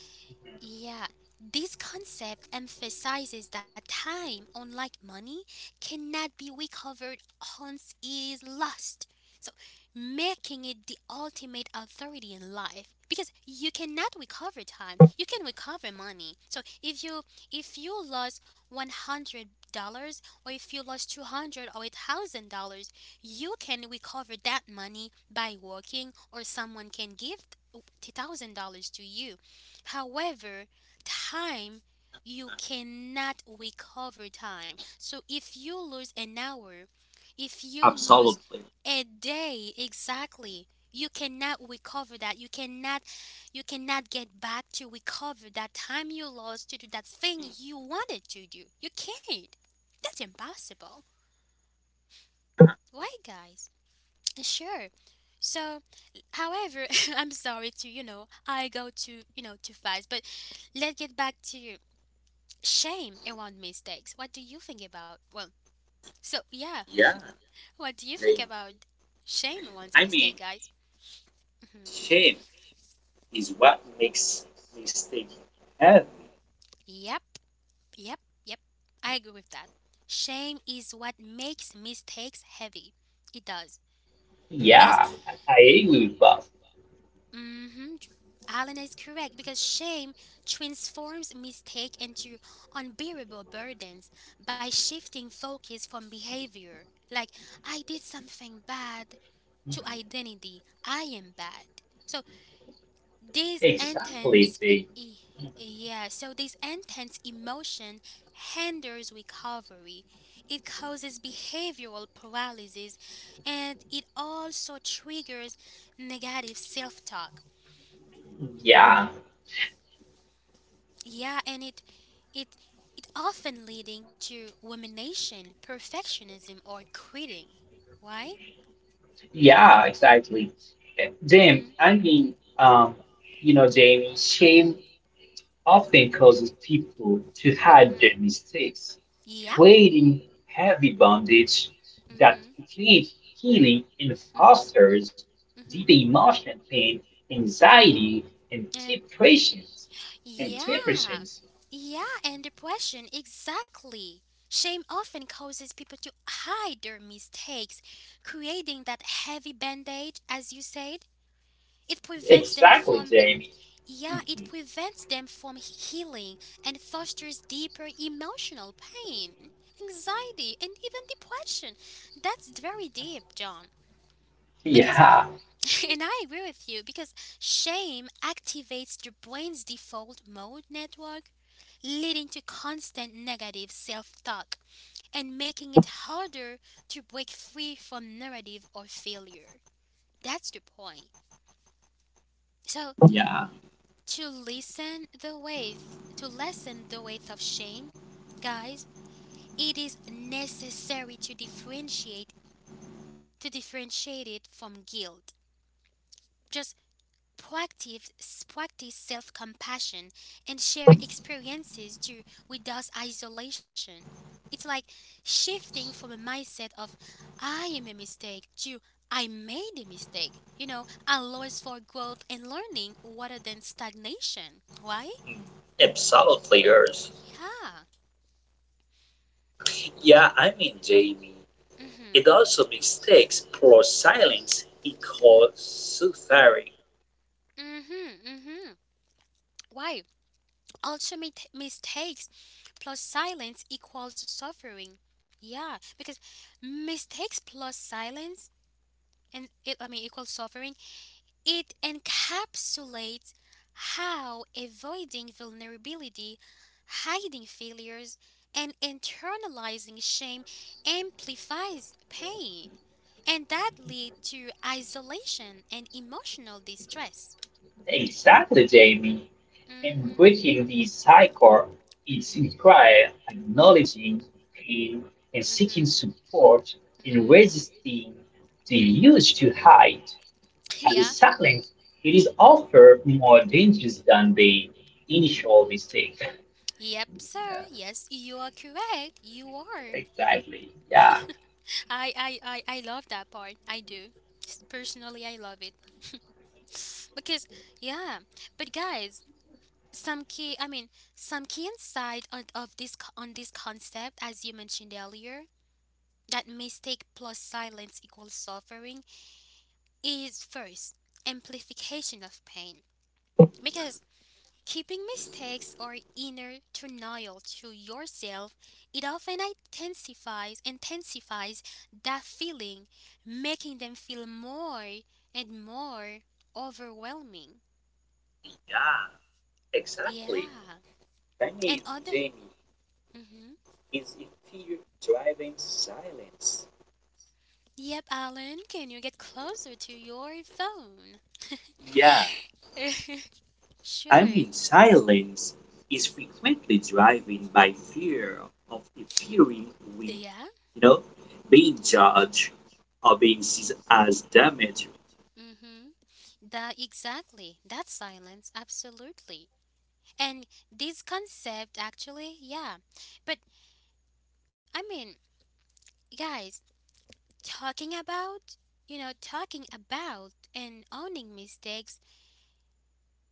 [SPEAKER 1] yeah, this concept emphasizes that time, unlike money, cannot be recovered once it is lost. So, making it the ultimate authority in life because you cannot recover time. You can recover money. So, if you if you lost one hundred dollars, or if you lost two hundred or a thousand dollars you can recover that money by working, or someone can give one thousand dollars to you. However, time, you cannot recover time. So if you lose an hour, if you lose
[SPEAKER 3] Absolutely.
[SPEAKER 1] a day, exactly, you cannot recover that. You cannot you cannot get back to recover that time you lost to do that thing you wanted to do. You can't. That's impossible. Why guys? Sure. So, however, I'm sorry to, you know, I go to, you know, too fast, but let's get back to shame around mistakes. What do you think about? Well, so yeah,
[SPEAKER 3] Yeah,
[SPEAKER 1] what do you think
[SPEAKER 3] Jamie.
[SPEAKER 1] about shame around
[SPEAKER 3] I mean,
[SPEAKER 1] mistake, guys? Mhm.
[SPEAKER 3] shame is what makes mistake heavy.
[SPEAKER 1] Yep, yep, yep. I agree with that. Shame is what makes mistakes heavy. It does because
[SPEAKER 2] yeah, I I agree with both.
[SPEAKER 1] mm-hmm, Alan is correct because shame transforms mistake into unbearable burdens by shifting focus from behavior like I did something bad to identity. I am bad. So this
[SPEAKER 2] Exactly.
[SPEAKER 1] intense,
[SPEAKER 2] They,
[SPEAKER 1] e- e, yeah, so this intense emotion hinders recovery. It causes behavioral paralysis and it also triggers negative self-talk.
[SPEAKER 2] yeah,
[SPEAKER 1] Yeah, and it it it often leading to rumination, perfectionism or quitting. Why?
[SPEAKER 2] yeah, exactly. Uh, Jamie,
[SPEAKER 1] Mhm.
[SPEAKER 2] I mean, um, you know, Jamie, shame often causes people to hide their
[SPEAKER 1] Mhm.
[SPEAKER 2] mistakes,
[SPEAKER 1] Yeah.
[SPEAKER 2] creating heavy bondage that
[SPEAKER 1] Mhm.
[SPEAKER 2] prevents healing and
[SPEAKER 1] Mhm.
[SPEAKER 2] fosters deep
[SPEAKER 1] Mhm.
[SPEAKER 2] emotional pain, anxiety, and
[SPEAKER 1] And
[SPEAKER 2] depression. And depression.
[SPEAKER 1] yeah, yeah, and depression, exactly. Shame often causes people to hide their mistakes, creating that heavy band aid, as you said. It prevents them
[SPEAKER 2] Exactly,
[SPEAKER 1] from,
[SPEAKER 2] Jamie.
[SPEAKER 1] yeah, it
[SPEAKER 2] Mhm.
[SPEAKER 1] prevents them from healing and fosters deeper emotional pain, anxiety, and even depression. That's very deep, John. Because
[SPEAKER 2] Yeah,
[SPEAKER 1] and I agree with you because shame activates your brain's default mode network, leading to constant negative self talk and making it harder to break free from narrative or failure. That's the point. So,
[SPEAKER 3] Yeah.
[SPEAKER 1] to lessen the weight, to lessen the weight of shame, guys, it is necessary to differentiate to differentiate it from guilt. Just Proactive, practice self compassion and share experiences to reduce isolation. It's like shifting from a mindset of I am a mistake to I made a mistake. You know, allows for growth and learning rather than stagnation. Why?
[SPEAKER 3] Absolutely, players.
[SPEAKER 1] Yeah.
[SPEAKER 3] Yeah, I mean, Jamie, it
[SPEAKER 1] Mhm.
[SPEAKER 3] also mistakes poor silence he
[SPEAKER 1] Mhm.
[SPEAKER 3] calls suffering.
[SPEAKER 1] Mhm. Mhm. Why? Ultimate mistakes plus silence equals suffering. Yeah, because mistakes plus silence and it, I mean equal suffering, it encapsulates how avoiding vulnerability, hiding failures, and internalizing shame amplifies pain, and that lead to isolation and emotional distress.
[SPEAKER 2] exactly, Jamie. And
[SPEAKER 1] Mhm.
[SPEAKER 2] breaking the cycle is
[SPEAKER 1] Mhm.
[SPEAKER 2] required acknowledging pain and seeking
[SPEAKER 1] Mhm.
[SPEAKER 2] support and
[SPEAKER 1] Mhm.
[SPEAKER 2] resisting the urge to hide.
[SPEAKER 1] Yeah.
[SPEAKER 2] As silence, it is often more dangerous than the initial mistake.
[SPEAKER 1] Yep, sir.
[SPEAKER 2] Yeah,
[SPEAKER 1] Yes, you are correct. You are.
[SPEAKER 2] exactly. Yeah,
[SPEAKER 1] I I I I love that part. I do. S- Personally, I love it. Because yeah, but guys, some key I mean some key insight on, of this co- on this concept as you mentioned earlier that mistake plus silence equals suffering is first amplification of pain because keeping mistakes or inner denial to yourself it often intensifies intensifies that feeling, making them feel more and more overwhelming.
[SPEAKER 3] Yeah, exactly.
[SPEAKER 1] Yeah
[SPEAKER 3] I
[SPEAKER 1] and
[SPEAKER 3] mean,
[SPEAKER 1] other
[SPEAKER 3] Jamie,
[SPEAKER 1] hmm
[SPEAKER 3] is it fear driving silence?
[SPEAKER 1] Yep, Alan, can you get closer to your phone?
[SPEAKER 3] Yeah, I
[SPEAKER 1] Sure.
[SPEAKER 3] mean, silence is frequently driven by fear of appearing weak,
[SPEAKER 1] Yeah.
[SPEAKER 3] you know, being
[SPEAKER 1] Mm-hmm.
[SPEAKER 3] judged or being seen as damaged.
[SPEAKER 1] That exactly. That silence, absolutely. And this concept, actually, yeah. But I mean, guys, talking about, you know, talking about and owning mistakes,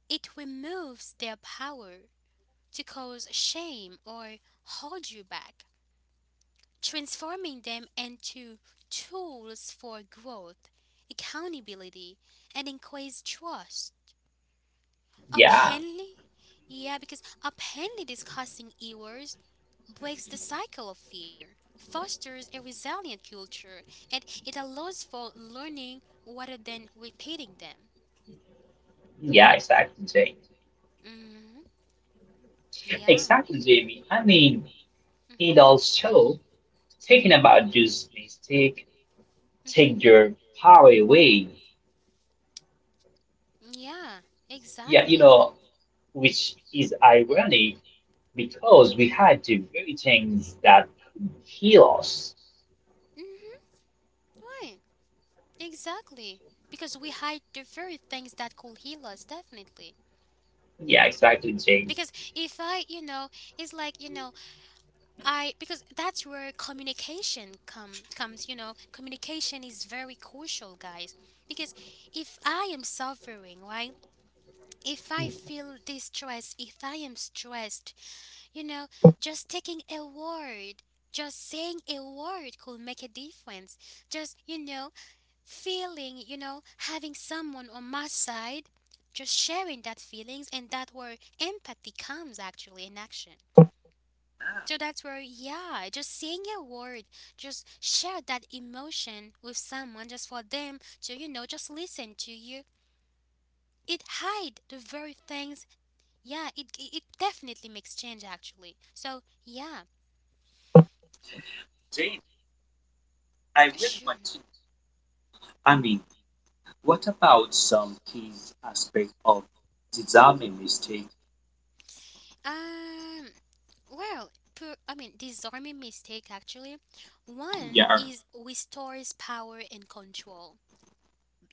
[SPEAKER 1] it removes their power to cause shame or hold you back, transforming them into tools for growth, accountability, and increased trust.
[SPEAKER 2] yeah,
[SPEAKER 1] Apparently, yeah, because apparently discussing errors breaks the cycle of fear, fosters a resilient culture, and it allows for learning rather than repeating them.
[SPEAKER 2] yeah, exactly, Jamie.
[SPEAKER 1] Hmm. Yeah.
[SPEAKER 2] Exactly, Jamie. I mean, it
[SPEAKER 1] Hmm.
[SPEAKER 2] also Speaking about those mistakes,
[SPEAKER 1] Hmm.
[SPEAKER 2] take your power away.
[SPEAKER 1] Yeah.
[SPEAKER 2] Yeah, you
[SPEAKER 1] Exactly.
[SPEAKER 2] know, which is ironic because we had to very things that could heal us.
[SPEAKER 1] Hmm. Right. Exactly. Because we hide the very things that could heal us, definitely.
[SPEAKER 2] Yeah, exactly, Jamie.
[SPEAKER 1] Because if I, you know, it's like, you know, I because that's where communication come comes, you know, communication is very crucial, guys. Because if I am suffering, right? If I
[SPEAKER 2] Mhm.
[SPEAKER 1] feel distress, if I am stressed, you know, just taking a word just saying a word could make a difference. Just, you know, feeling, you know, having someone on my side, just sharing that feelings, and that where empathy comes actually in action. So that's where, yeah, just saying a word, just share that emotion with someone just for them to, you know, just listen to you. It hide the very things. Yeah, it it it definitely makes change actually. So yeah,
[SPEAKER 3] Jamie, I really want
[SPEAKER 1] sure.
[SPEAKER 3] to. I mean, what about some key aspect of design mistake?
[SPEAKER 1] Um Well, per, I mean, disarming mistake actually.
[SPEAKER 3] Yeah.
[SPEAKER 1] One is restores power and control.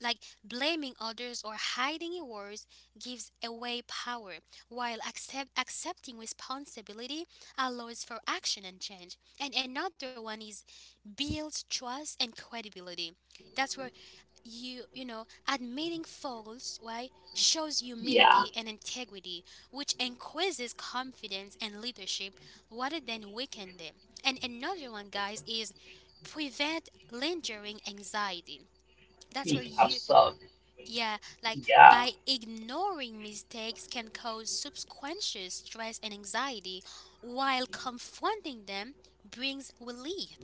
[SPEAKER 1] Like blaming others or hiding your words gives away power, while accept, accepting responsibility allows for action and change. And another one is builds trust and credibility. That's where you you know admitting faults, right, shows
[SPEAKER 2] Yeah,
[SPEAKER 1] humility and integrity, which increases confidence and leadership rather than weaken them. And another one, guys, is prevent lingering anxiety. That's where
[SPEAKER 2] we have
[SPEAKER 1] you,
[SPEAKER 2] some.
[SPEAKER 1] yeah, like
[SPEAKER 2] Yeah,
[SPEAKER 1] by ignoring mistakes can cause subsequent stress and anxiety, while confronting them brings relief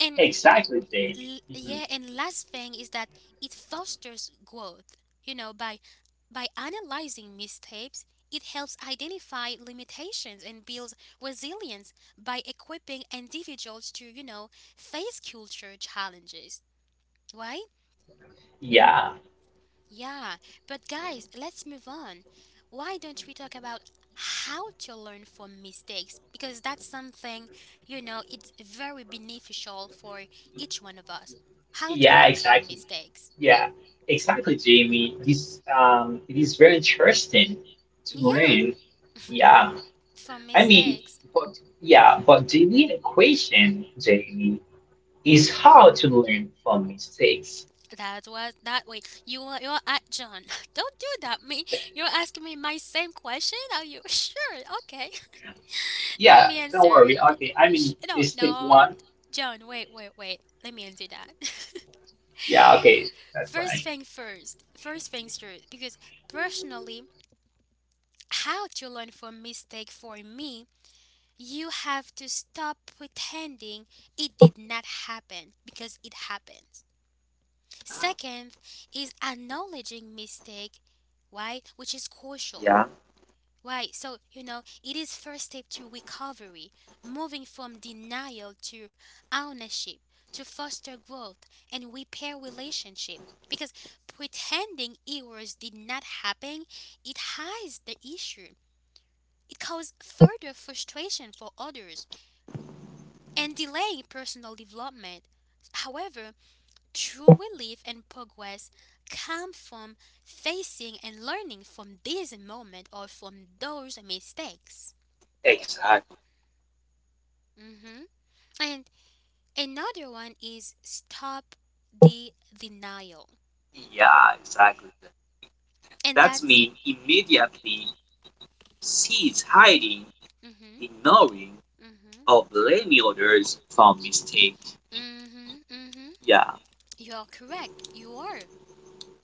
[SPEAKER 1] and
[SPEAKER 2] exactly, Jamie.
[SPEAKER 1] L-
[SPEAKER 2] Mhm.
[SPEAKER 1] yeah, and last thing is that it fosters growth. You know, by by analyzing mistakes, it helps identify limitations and builds resilience by equipping individuals to, you know, face culture challenges. Right?
[SPEAKER 2] Yeah,
[SPEAKER 1] Yeah. But guys, let's move on. Why don't we talk about how to learn from mistakes? Because that's something, you know, it's very beneficial for each one of us. How to
[SPEAKER 2] yeah,
[SPEAKER 1] learn from
[SPEAKER 2] exactly.
[SPEAKER 1] mistakes.
[SPEAKER 2] Yeah, exactly, Jamie. This um, It is very interesting to
[SPEAKER 1] Yeah,
[SPEAKER 2] learn. Yeah
[SPEAKER 1] from
[SPEAKER 2] I mean,
[SPEAKER 1] mistakes.
[SPEAKER 2] but yeah, but the real equation, Jamie, is how to learn from mistakes.
[SPEAKER 1] That was that way. You are you're at John. Don't do that. Me, you're asking me my same question. Are you sure? Okay, let
[SPEAKER 2] Yeah,
[SPEAKER 1] me
[SPEAKER 2] don't
[SPEAKER 1] answer
[SPEAKER 2] worry.
[SPEAKER 1] it.
[SPEAKER 2] Okay, I
[SPEAKER 1] Sh-
[SPEAKER 2] mean,
[SPEAKER 1] No,
[SPEAKER 2] it's step
[SPEAKER 1] no,
[SPEAKER 2] one.
[SPEAKER 1] John. Wait, wait, wait. Let me answer that.
[SPEAKER 2] Yeah, okay, that's
[SPEAKER 1] First
[SPEAKER 2] right.
[SPEAKER 1] thing first. First things first. Because personally, how to learn from mistake for me, you have to stop pretending it did not happen because it happens. Second is acknowledging mistake, why, which is crucial.
[SPEAKER 3] Yeah,
[SPEAKER 1] Why? So, you know, it is first step to recovery, moving from denial to ownership, to foster growth and repair relationship. Because pretending errors did not happen, it hides the issue. It causes further frustration for others and delaying personal development. However, true relief and progress come from facing and learning from this moment or from those mistakes.
[SPEAKER 3] exactly.
[SPEAKER 1] Hmm. And another one is stop the denial.
[SPEAKER 3] Yeah, exactly.
[SPEAKER 1] And
[SPEAKER 3] That
[SPEAKER 1] that's.
[SPEAKER 3] means immediately sees hiding,
[SPEAKER 1] Hmm.
[SPEAKER 3] ignoring,
[SPEAKER 1] Hmm.
[SPEAKER 3] or blaming others for mistakes.
[SPEAKER 1] Hmm. Hmm.
[SPEAKER 3] Yeah,
[SPEAKER 1] You are correct. You are.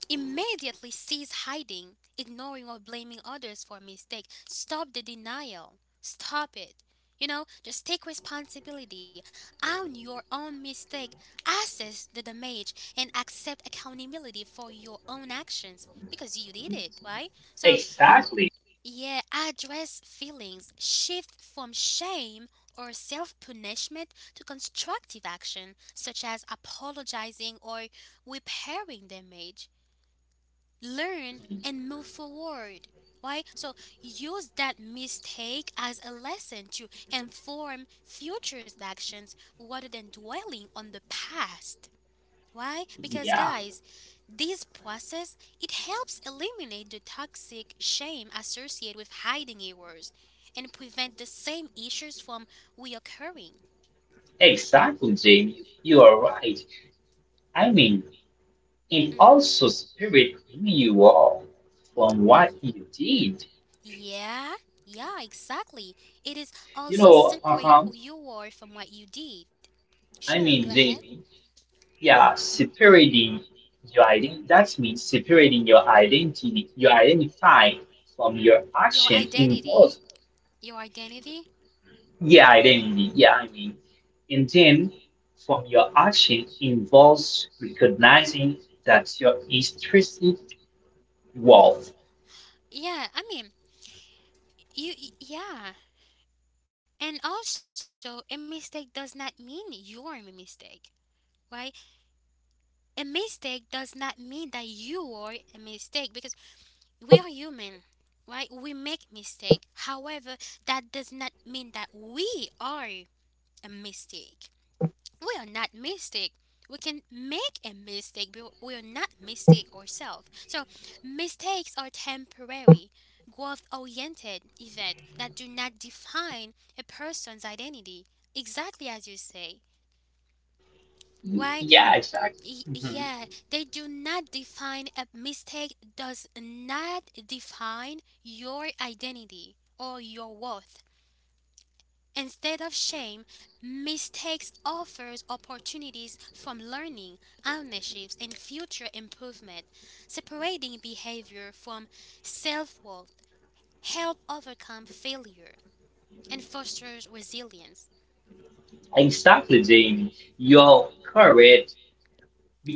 [SPEAKER 1] Immediately cease hiding, ignoring, or blaming others for a mistake. Stop the denial. Stop it. You know, just take responsibility, own your own mistake, assess the damage, and accept accountability for your own actions because you did it, right? So,
[SPEAKER 2] Exactly.
[SPEAKER 1] yeah, address feelings, shift from shame or self punishment to constructive action, such as apologizing or repairing damage, learn and move forward, right? So use that mistake as a lesson to inform future actions rather than dwelling on the past. Why? Because
[SPEAKER 2] Yeah,
[SPEAKER 1] guys, this process it helps eliminate the toxic shame associated with hiding errors and prevent the same issues from reoccurring.
[SPEAKER 2] exactly, Jamie. You are right. I mean, and
[SPEAKER 1] Hmm.
[SPEAKER 2] also spirit who you are from what you did.
[SPEAKER 1] Yeah, yeah, exactly. It is
[SPEAKER 2] You
[SPEAKER 1] also
[SPEAKER 2] know, uh
[SPEAKER 1] separate
[SPEAKER 2] huh.
[SPEAKER 1] who you are from what you did.
[SPEAKER 2] I
[SPEAKER 1] Sure, go
[SPEAKER 2] mean,
[SPEAKER 1] ahead.
[SPEAKER 2] Jamie, yeah, separating your ident that means separating your identity, your identify from your
[SPEAKER 1] Your
[SPEAKER 2] action involves
[SPEAKER 1] identity. Your identity?
[SPEAKER 2] yeah identity. Yeah, I mean, and then from your action involves recognizing that your intrinsic worth.
[SPEAKER 1] Yeah, I mean, you, y- yeah. And also, a mistake does not mean you're a mistake, right? A mistake does not mean that you are a mistake because we are human, right? We make mistake. However, that does not mean that we are a mistake. We are not mistake. We can make a mistake, but we are not mistake ourselves. So mistakes are temporary, growth-oriented event that do not define a person's identity. Exactly as you say. Why?
[SPEAKER 2] Yeah, exactly.
[SPEAKER 1] Y-
[SPEAKER 2] Mhm.
[SPEAKER 1] yeah, they do not define, a mistake does not define your identity or your worth. Instead of shame, mistakes offers opportunities from learning, ownerships, and future improvement. Separating behavior from self-worth help overcome failure and fosters resilience.
[SPEAKER 2] Exactly, Jamie. You're correct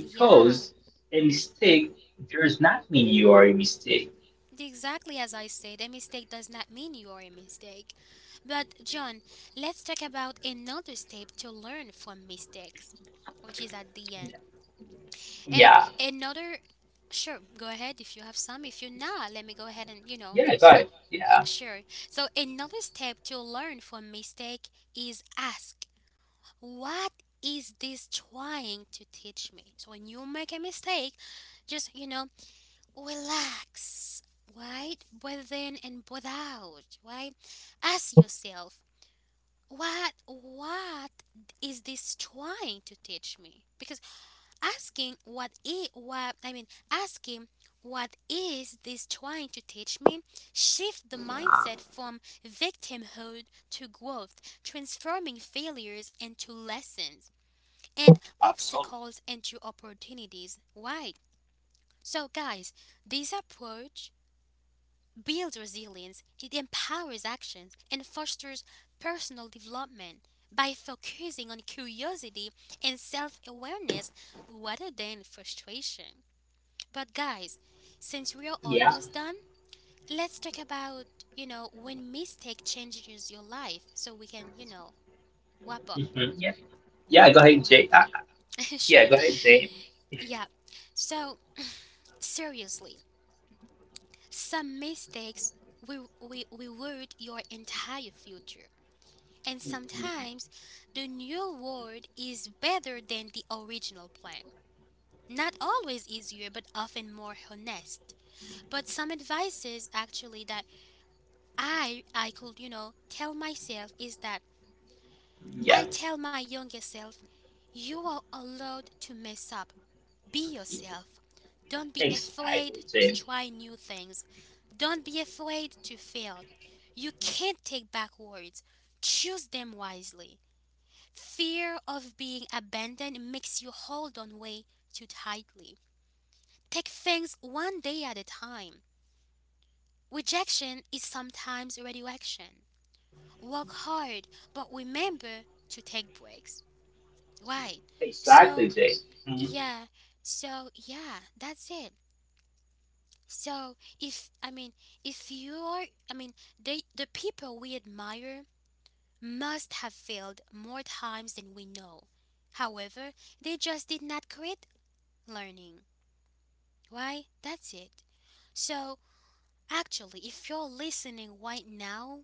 [SPEAKER 1] Yeah,
[SPEAKER 2] a mistake does not mean you are a mistake.
[SPEAKER 1] exactly as I said, a mistake does not mean you are a mistake. But John, let's talk about another step to learn from mistakes, which is at the end. And
[SPEAKER 2] Yeah,
[SPEAKER 1] another, sure, go ahead if you have some. If you're not, let me go ahead and, you know,
[SPEAKER 2] yeah, go
[SPEAKER 1] just
[SPEAKER 2] ahead. Yeah.
[SPEAKER 1] sure. So, another step to learn from mistake is ask, what is this trying to teach me? So, when you make a mistake, just, you know, relax, right? Breathe in and breathe out, right? Ask yourself, what what is this trying to teach me, because asking what i- what I mean asking what is this trying to teach me shift the mindset from victimhood to growth, transforming failures into lessons and
[SPEAKER 3] absolutely.
[SPEAKER 1] obstacles into opportunities. Why? So guys, this approach builds resilience, it empowers actions and fosters personal development by focusing on curiosity and self-awareness rather than frustration. But guys, since we are
[SPEAKER 2] Yeah.
[SPEAKER 1] almost done, let's talk about, you know, when mistake changes your life so we can, you know, wrap up.
[SPEAKER 2] Hmm. Yeah. Yeah, go ahead,
[SPEAKER 1] Wow.
[SPEAKER 2] Jay. Uh,
[SPEAKER 1] Sure.
[SPEAKER 2] yeah, go ahead, Jay.
[SPEAKER 1] Yeah. So, seriously, some mistakes will we reward your entire future. And
[SPEAKER 2] Mhm.
[SPEAKER 1] sometimes the new world is better than the original plan. Not always easier, but often more honest. But some advices actually that I I could, you know, tell myself is that
[SPEAKER 2] Yeah.
[SPEAKER 1] I tell my younger self, you are allowed to mess up. Be yourself. Don't be
[SPEAKER 2] Exactly,
[SPEAKER 1] afraid to
[SPEAKER 2] Jay.
[SPEAKER 1] try new things. Don't be afraid to fail. You can't take back words, choose them wisely. Fear of being abandoned makes you hold on way too tightly. Take things one day at a time. Rejection is sometimes redirection. Work hard, but remember to take breaks. Right.
[SPEAKER 2] Exactly,
[SPEAKER 1] So,
[SPEAKER 2] Jay.
[SPEAKER 1] yeah. So, yeah, that's it. So, if I mean, if you are, I mean, they, the people we admire must have failed more times than we know. However, they just did not quit learning. Why? That's it. So, actually, if you're listening right now,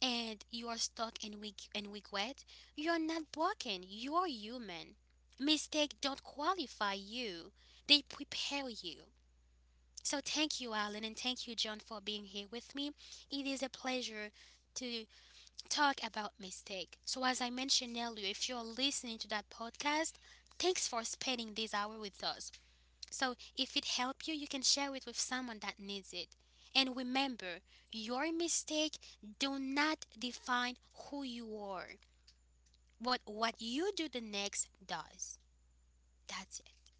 [SPEAKER 1] and you are stuck and weak and weak wet, you are not broken. You are human. Mistakes don't qualify you. They prepare you. So thank you, Alan, and thank you, John, for being here with me. It is a pleasure to talk about mistake. So as I mentioned earlier, if you're listening to that podcast, thanks for spending this hour with us. So if it helped you, you can share it with someone that needs it. And remember, your mistake do not define who you are. What what you do the next does. That's it.